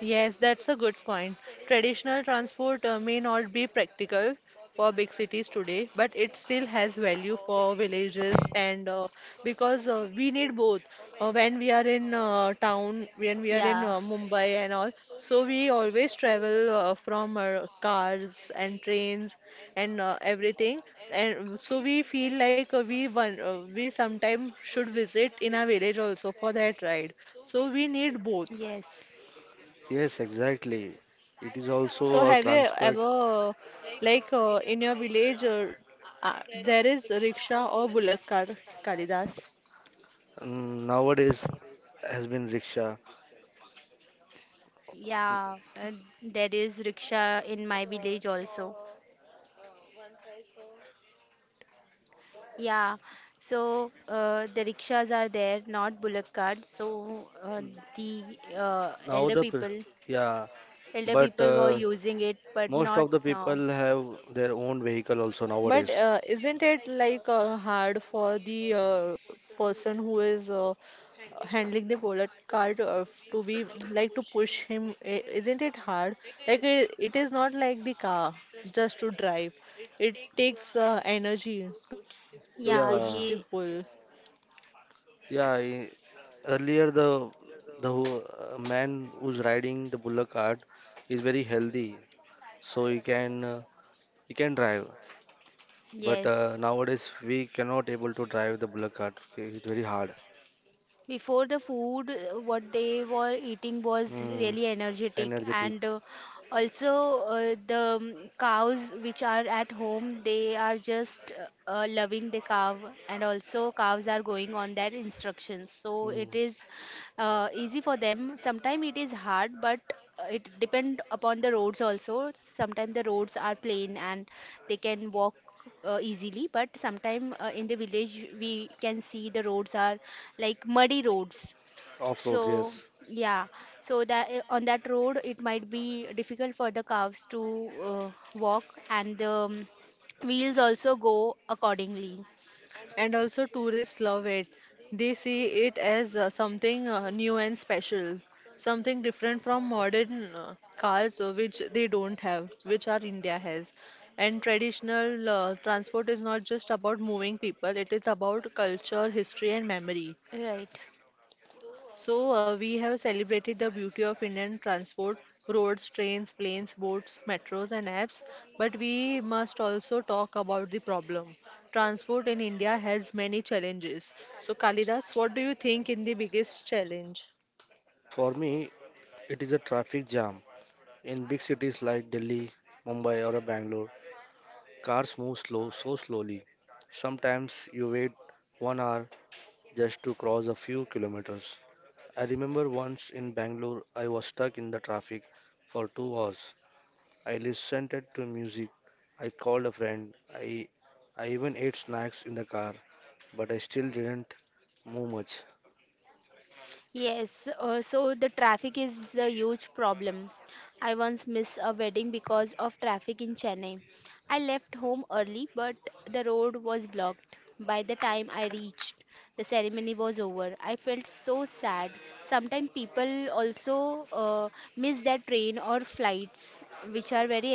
[SPEAKER 1] Yes, that's a good point. Traditional transport may not be practical for big cities today, but it still has value for villages, and because we need both. When we are in town, when we are in
[SPEAKER 2] Yeah.
[SPEAKER 1] Mumbai and all, so we always travel from our cars and trains and everything. And so we feel like we sometime should visit in our village also for that ride. So we need both.
[SPEAKER 2] Yes.
[SPEAKER 3] Yes, exactly. It is
[SPEAKER 1] So
[SPEAKER 3] also a
[SPEAKER 1] have you
[SPEAKER 3] transport.
[SPEAKER 1] ever, like in your village, there is rickshaw or bullock cart, Kalidas?
[SPEAKER 3] Mm, nowadays has been rickshaw.
[SPEAKER 2] Yeah. And there is rickshaw in my village also. Yeah, so the rickshaws are there, not bullock carts. So the
[SPEAKER 3] Now
[SPEAKER 2] elder
[SPEAKER 3] the pr-
[SPEAKER 2] people,
[SPEAKER 3] yeah, but
[SPEAKER 2] were using it, but
[SPEAKER 3] most
[SPEAKER 2] not
[SPEAKER 3] of the
[SPEAKER 2] now.
[SPEAKER 3] people have their own vehicle also
[SPEAKER 1] But
[SPEAKER 3] nowadays.
[SPEAKER 1] isn't it like hard for the person who is handling the bullock cart to be like to push him? Isn't it hard? Like it is not like the car just to drive. It takes energy to push the
[SPEAKER 2] Yeah,
[SPEAKER 1] bull.
[SPEAKER 3] Yeah,
[SPEAKER 2] he,
[SPEAKER 3] yeah. I- Earlier the man who's riding the bullock cart is very healthy, so he can drive. But
[SPEAKER 2] yes.
[SPEAKER 3] nowadays we cannot able to drive the bullet cart. Okay? It's very hard.
[SPEAKER 2] Before the food, what they were eating was
[SPEAKER 3] Mm,
[SPEAKER 2] really energetic,
[SPEAKER 3] energetic.
[SPEAKER 2] and also the cows which are at home, they are just loving the cow, and also cows are going on their instructions. So
[SPEAKER 3] Mm,
[SPEAKER 2] it is easy for them. Sometimes it is hard, but it depend upon the roads also. Sometimes the roads are plain and they can walk easily, but sometimes in the village we can see the roads are like muddy roads.
[SPEAKER 3] off road.
[SPEAKER 2] So
[SPEAKER 3] Yes.
[SPEAKER 2] yeah, so that on that road it might be difficult for the cows to walk, and the wheels also go accordingly.
[SPEAKER 1] And also, tourists love it. They see it as something new and special, something different from modern cars, which they don't have, which our India has. And traditional transport is not just about moving people, it is about culture, history, and memory.
[SPEAKER 2] Right.
[SPEAKER 1] So, we have celebrated the beauty of Indian transport: roads, trains, planes, boats, metros, and apps. But we must also talk about the problem. Transport in India has many challenges. So, Kalidas, what do you think in the biggest challenge?
[SPEAKER 3] Yes. For me, it is a traffic jam in big cities like Delhi, Mumbai, or Bangalore. Cars move slow, so slowly. Sometimes you wait 1 hour just to cross a few kilometers. I remember once in Bangalore, I was stuck in the traffic for 2 hours. I listened to music. I called a friend. I even ate snacks in the car, but I still didn't move much.
[SPEAKER 2] Yes, so the traffic is a huge problem. I once missed a wedding because of traffic in Chennai. I left home early, but the road was blocked. By the time I reached, the ceremony was over. I felt so sad. Sometimes people also miss their train or flights, which are very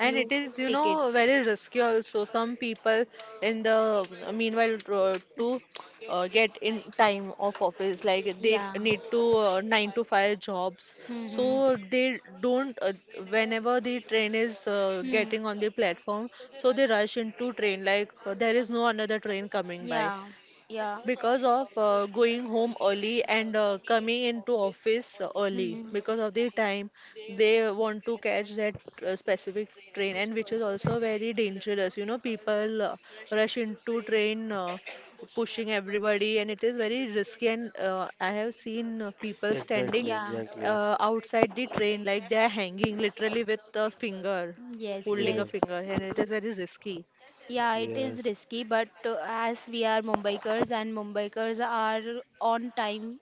[SPEAKER 1] And it is
[SPEAKER 2] tickets.
[SPEAKER 1] very risky also. Some people in the meanwhile, to get in time of office, like they
[SPEAKER 2] Yeah.
[SPEAKER 1] need to nine to five jobs.
[SPEAKER 2] Mm-hmm.
[SPEAKER 1] So they don't, whenever the train is
[SPEAKER 2] Hmm.
[SPEAKER 1] getting on the platform, so they rush into train, like there is no another train coming by
[SPEAKER 2] Yeah. Yeah.
[SPEAKER 1] because of going home early and coming into office early
[SPEAKER 2] Hmm.
[SPEAKER 1] because of the time they want to catch that specific train, and which is also very dangerous. People rush into train, pushing everybody, and it is very risky. And I have seen people standing
[SPEAKER 3] Exactly,
[SPEAKER 2] Yeah.
[SPEAKER 3] exactly.
[SPEAKER 1] outside the train, like they are hanging literally with a finger,
[SPEAKER 2] Yes,
[SPEAKER 1] holding a
[SPEAKER 2] yes.
[SPEAKER 1] finger, and it is very risky.
[SPEAKER 2] Yeah, it
[SPEAKER 3] Yes, yes,
[SPEAKER 2] is risky, but as we are Mumbaikars and Mumbaikars are on time,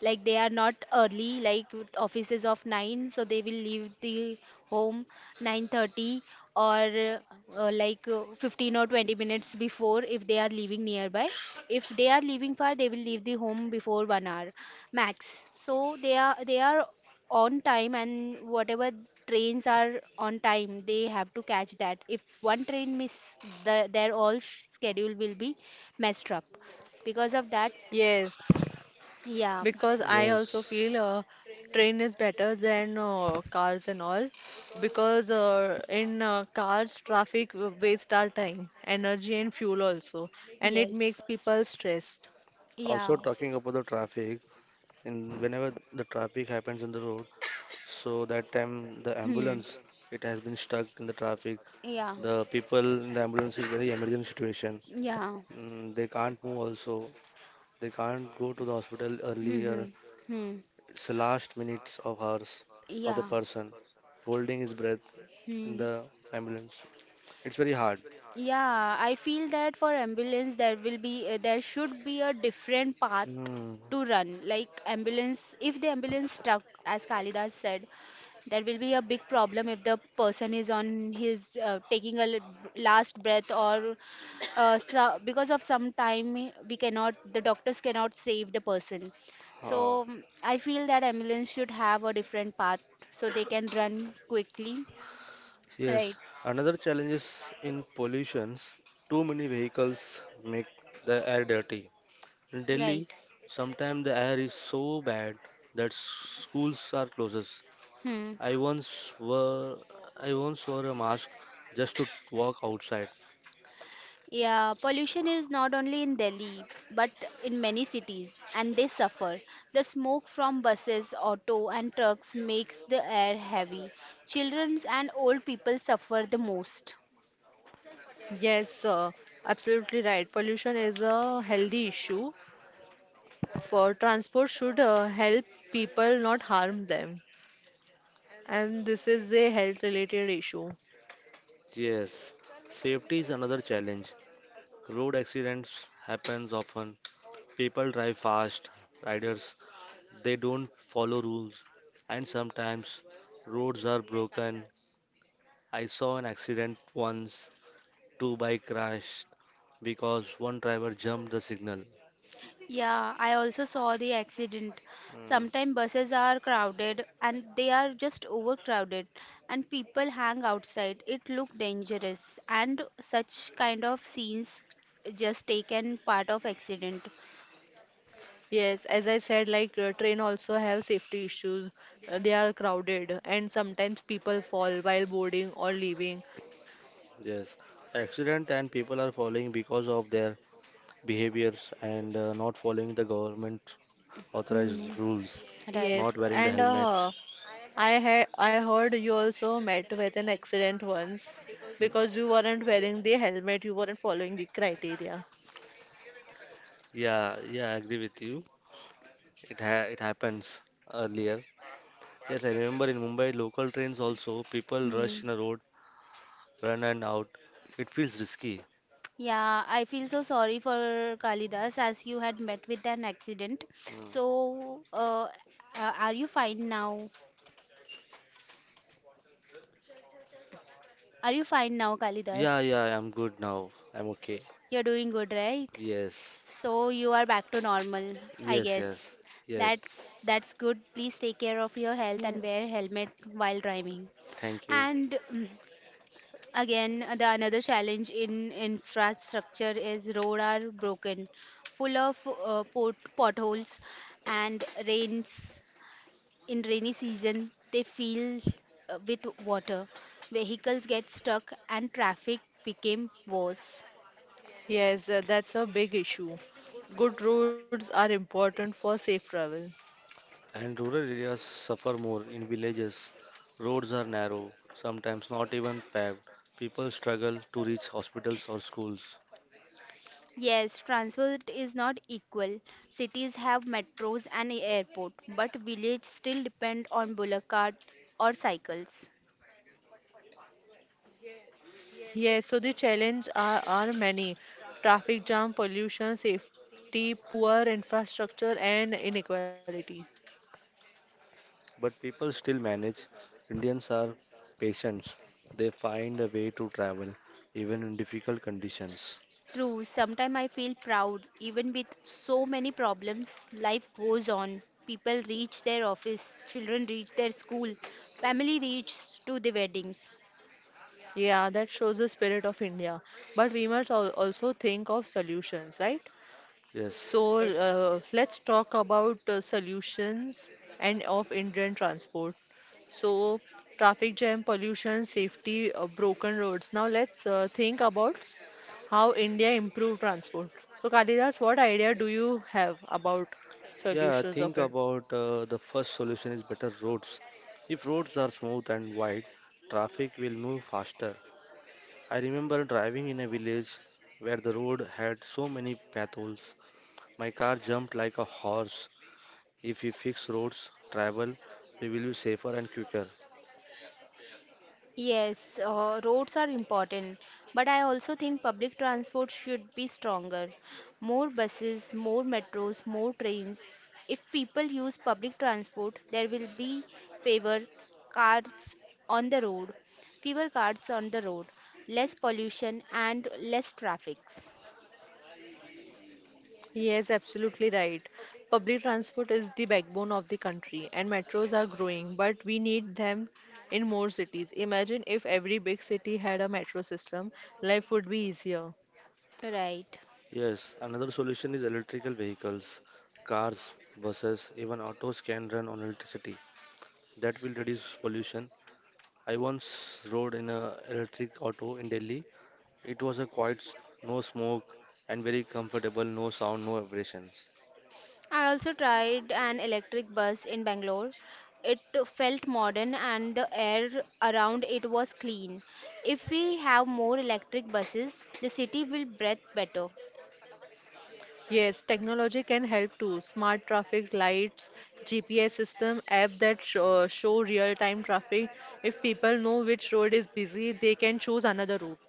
[SPEAKER 2] like they are not early, like with offices of 9, so they will leave the home 9:30 or 15 or 20 minutes before if they are leaving nearby. If they are leaving far, they will leave the home before 1 hour max. So they are on time and whatever trains are on time they have to catch that. If one train miss, the their all schedule will be messed up because of that.
[SPEAKER 1] Yes,
[SPEAKER 2] Yeah.
[SPEAKER 1] because I also
[SPEAKER 3] yes.
[SPEAKER 1] feel train is better than cars and all, because in cars traffic waste our time, energy and fuel also, and it
[SPEAKER 2] Yes.
[SPEAKER 1] makes people stressed.
[SPEAKER 3] Also,
[SPEAKER 2] Yeah.
[SPEAKER 3] talking about the traffic, in whenever the traffic happens in the road, so that time the
[SPEAKER 2] Hmm.
[SPEAKER 3] ambulance it has been stuck in the traffic.
[SPEAKER 2] Yeah.
[SPEAKER 3] The people in the ambulance is very emergency situation.
[SPEAKER 2] Yeah.
[SPEAKER 3] Mm, they can't move also. They can't go to the hospital
[SPEAKER 2] Hmm, hmm,
[SPEAKER 3] earlier.
[SPEAKER 2] hmm.
[SPEAKER 3] It's the last minutes of hours of the
[SPEAKER 2] Yeah.
[SPEAKER 3] person holding his breath in
[SPEAKER 2] Hmm.
[SPEAKER 3] the ambulance. It's very hard.
[SPEAKER 2] Yeah, I feel that for ambulance there will be there should be a different path
[SPEAKER 3] Hmm.
[SPEAKER 2] to run. Like ambulance, if the ambulance stuck, as Kalidas said, there will be a big problem if the person is on his taking a last breath or so, because of some time we cannot, the doctors cannot save the person. So
[SPEAKER 3] Ah.
[SPEAKER 2] mm, I feel that ambulance should have a different path so they can run quickly.
[SPEAKER 3] Yes.
[SPEAKER 2] Right,
[SPEAKER 3] Another challenge is in pollutions. Too many vehicles make the air dirty. In
[SPEAKER 2] right.
[SPEAKER 3] Delhi, sometimes the air is so bad that schools are closed.
[SPEAKER 2] Hmm.
[SPEAKER 3] I once wore I once wore a mask just to walk outside.
[SPEAKER 2] Yeah, pollution is not only in Delhi but in many cities and they suffer. The smoke from buses, auto and trucks makes the air heavy. Children and old people suffer the most.
[SPEAKER 1] Yes, absolutely right. Pollution is a healthy issue. For transport should help people, not harm them. And this is a health related issue.
[SPEAKER 3] Yes, safety is another challenge. Road accidents happens often. People drive fast, riders they don't follow rules, and sometimes roads are broken. I saw an accident once. Two bike crashed because one driver jumped the signal.
[SPEAKER 2] Yeah, I also saw the accident. Sometimes buses are crowded and they are just overcrowded and people hang outside. It look dangerous and such kind of scenes just taken part of accident.
[SPEAKER 1] Yes, as I said, like train also have safety issues. They are crowded and sometimes people fall while boarding or leaving.
[SPEAKER 3] Yes, accident and people are falling because of their behaviors and not following the government authorized
[SPEAKER 2] Hmm,
[SPEAKER 3] rules,
[SPEAKER 2] right.
[SPEAKER 1] Yes,
[SPEAKER 3] not wearing the
[SPEAKER 1] and
[SPEAKER 3] helmets.
[SPEAKER 1] I heard you also met with an accident once because you weren't wearing the helmet, you weren't following the criteria.
[SPEAKER 3] Yeah, yeah, I agree with you. It happens earlier. Yes, I remember in Mumbai local trains also people
[SPEAKER 2] Hmm.
[SPEAKER 3] rush in a road, run and out. It feels risky.
[SPEAKER 2] Yeah, I feel so sorry for Kalidas as you had met with an accident.
[SPEAKER 3] Mm.
[SPEAKER 2] So, are you fine now? Are you fine now, Kalidas?
[SPEAKER 3] Yeah, yeah, I'm good now. I'm okay.
[SPEAKER 2] You're doing good, right?
[SPEAKER 3] Yes,
[SPEAKER 2] So you are back to normal, I
[SPEAKER 3] yes,
[SPEAKER 2] guess.
[SPEAKER 3] yes, yes.
[SPEAKER 2] That's good. Please take care of your health
[SPEAKER 1] Yes.
[SPEAKER 2] and wear helmet while driving.
[SPEAKER 3] Thank you.
[SPEAKER 2] And Again, the another challenge in infrastructure is road are broken, full of potholes, and rains in rainy season they fill with water. Vehicles get stuck and traffic became worse.
[SPEAKER 1] Yes, that's a big issue. Good roads are important for safe travel.
[SPEAKER 3] And rural areas suffer more. In villages, roads are narrow, sometimes not even paved. People struggle to reach hospitals or schools.
[SPEAKER 2] Yes, transport is not equal. Cities have metros and airport, but villages still depend on bullock cart or cycles.
[SPEAKER 1] Yes, so the challenges are, many. Traffic jam, pollution, safety, poor infrastructure, and inequality.
[SPEAKER 3] But people still manage. Indians are patient. They find a way to travel, even in difficult conditions.
[SPEAKER 2] True, sometimes I feel proud. Even with so many problems, life goes on. People reach their office, children reach their school, family reaches to the weddings.
[SPEAKER 1] Yeah, that shows the spirit of India. But we must al also think of solutions, right?
[SPEAKER 3] Yes.
[SPEAKER 1] So
[SPEAKER 2] Yes.
[SPEAKER 1] let's talk about solutions and of Indian transport. So traffic jam, pollution, safety, broken roads. Now let's think about how India improve transport. So Kalidas, what idea do you have about
[SPEAKER 3] Yeah,
[SPEAKER 1] solutions of
[SPEAKER 3] think
[SPEAKER 1] it?
[SPEAKER 3] about the first solution is better roads. If roads are smooth and wide, traffic will move faster. I remember driving in a village where the road had so many potholes. My car jumped like a horse. If we fix roads, travel, we will be safer and quicker.
[SPEAKER 2] Yes, roads are important, but I also think public transport should be stronger. More buses, more metros, more trains. If people use public transport, there will be fewer cars on the road, fewer cars on the road, less pollution and less traffic.
[SPEAKER 1] Yes, absolutely right. Public transport is the backbone of the country, and metros are growing, but we need them in more cities. Imagine if every big city had a metro system, life would be easier.
[SPEAKER 2] Right.
[SPEAKER 3] Yes, another solution is electrical vehicles. Cars, buses, even autos can run on electricity. That will reduce pollution. I once rode in a electric auto in Delhi. It was a quiet, no smoke, and very comfortable, no sound, no vibrations.
[SPEAKER 2] I also tried an electric bus in Bangalore. It felt modern and the air around it was clean. If we have more electric buses, the city will breathe better.
[SPEAKER 1] Yes, technology can help too. Smart traffic lights, GPS system, app that show real-time traffic. If people know which road is busy, they can choose another route.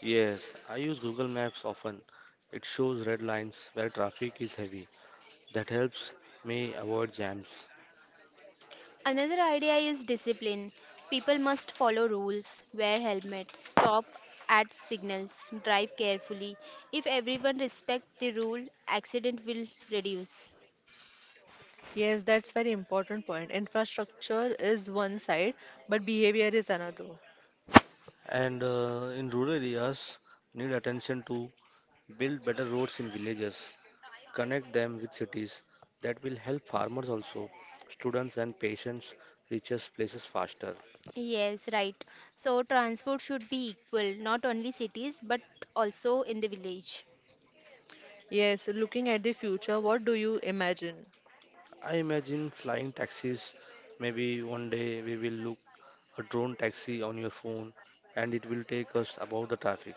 [SPEAKER 3] Yes, I use Google Maps often. It shows red lines where traffic is heavy. That helps me avoid jams.
[SPEAKER 2] Another idea is discipline. People must follow rules, wear helmets, stop at signals, drive carefully. If everyone respects the rule, accident will reduce.
[SPEAKER 1] Yes, that's very important point. Infrastructure is one side, but behavior is another.
[SPEAKER 3] And in rural areas, need attention to build better roads in villages, connect them with cities. That will help farmers also, students and patients reaches places faster.
[SPEAKER 2] Yes, right. So transport should be equal, not only cities but also in the village.
[SPEAKER 1] Yes, looking at the future, what do you imagine?
[SPEAKER 3] I imagine flying taxis. Maybe one day we will a drone taxi on your phone, and it will take us above the traffic.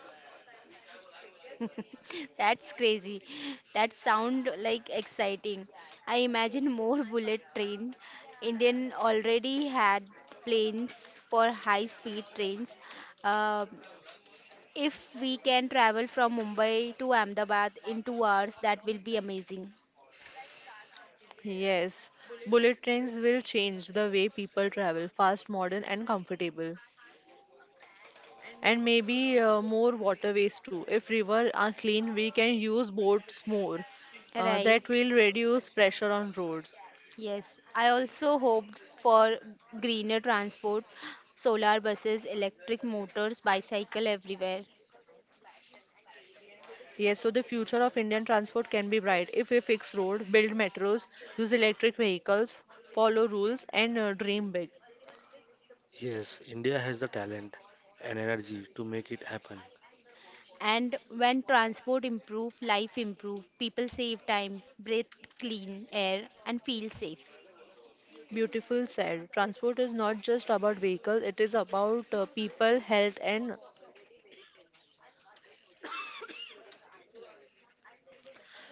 [SPEAKER 2] That's crazy. That sound like exciting. I imagine more bullet train. Indian already had planes for high speed trains. Uh, if we can travel from Mumbai to Ahmedabad in 2 hours, that will be amazing.
[SPEAKER 1] Yes, bullet trains will change the way people travel, fast, modern, and comfortable. And maybe more waterways too. If rivers are clean, we can use boats more. That
[SPEAKER 2] Right.
[SPEAKER 1] will reduce pressure on roads.
[SPEAKER 2] Yes. I also hoped for greener transport, solar buses, electric motors, bicycle everywhere.
[SPEAKER 1] Yes, so the future of Indian transport can be bright if we fix road, build metros, use electric vehicles, follow rules, and dream big.
[SPEAKER 3] Yes, India has the talent and energy to make it happen.
[SPEAKER 2] And when transport improve, life improve, people save time, breathe clean air and feel safe.
[SPEAKER 1] Beautiful said. Transport is not just about vehicles, it is about people, health, and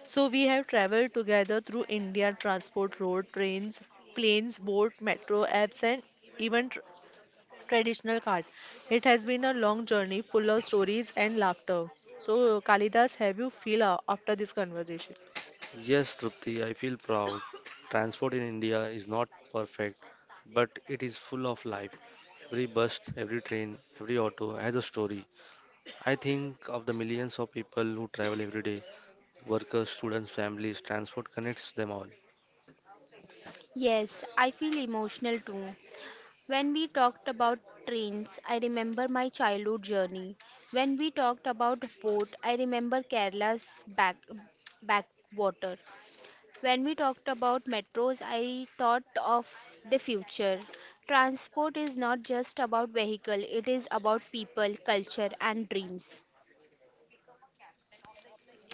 [SPEAKER 1] so we have traveled together through India transport, road, trains, planes, boat, metro, apps, and even traditional cart. It has been a long journey full of stories and laughter. So, Kalidas, have you feel after this conversation?
[SPEAKER 3] Yes, Trupti, I feel proud. Transport in India is not perfect, but it is full of life. Every bus, every train, every auto has a story. I think of the millions of people who travel every day, workers, students, families, transport connects them all.
[SPEAKER 2] Yes, I feel emotional too. When we talked about trains, I remember my childhood journey. When we talked about boat, I remember Kerala's backwater. When we talked about metros, I thought of the future. Transport is not just about vehicle, it is about people, culture and dreams.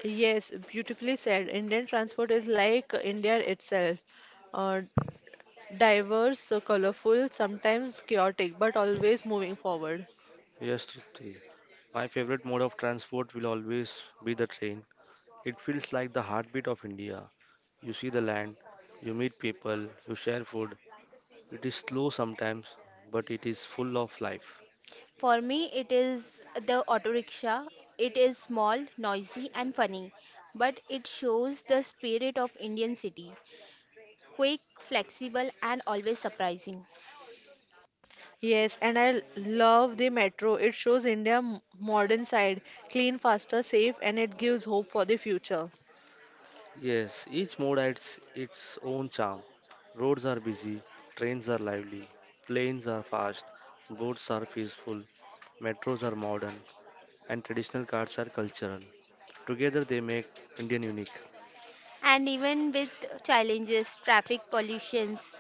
[SPEAKER 1] Yes, beautifully said. Indian transport is like India itself. Uh, Diverse, colorful, sometimes chaotic, but always moving forward.
[SPEAKER 3] Yes, Trupti. My favorite mode of transport will always be the train. It feels like the heartbeat of India. You see the land, you meet people, you share food. It is slow sometimes, but it is full of life.
[SPEAKER 2] For me, it is the auto rickshaw. It is small, noisy, and funny, but it shows the spirit of Indian city. Quick, flexible, and always surprising.
[SPEAKER 1] Yes, and I love the metro. It shows India modern side, clean, faster, safe, and it gives hope for the future.
[SPEAKER 3] Yes, each mode adds its own charm. Roads are busy, trains are lively, planes are fast, boats are peaceful, metros are modern, and traditional cars are cultural. Together they make Indian unique.
[SPEAKER 2] And even with challenges, traffic pollutions,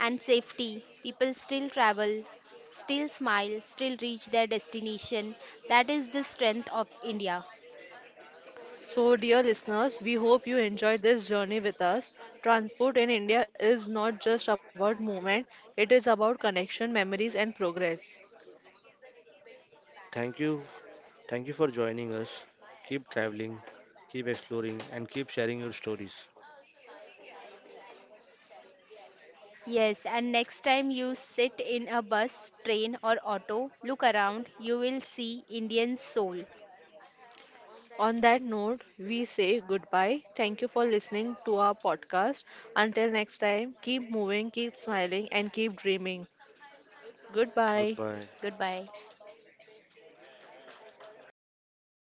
[SPEAKER 2] and safety, people still travel, still smile, still reach their destination. That is the strength of India.
[SPEAKER 1] So, dear listeners, we hope you enjoyed this journey with us. Transport in India is not just about movement, it is about connection, memories, and progress.
[SPEAKER 3] Thank you, thank you for joining us. Keep traveling, keep exploring, and keep sharing your stories.
[SPEAKER 2] Yes, and next time you sit in a bus, train, or auto, look around, you will see Indian soul.
[SPEAKER 1] On that note, we say goodbye. Thank you for listening to our podcast. Until next time, keep moving, keep smiling, and keep dreaming. Goodbye.
[SPEAKER 3] Goodbye.
[SPEAKER 2] Goodbye.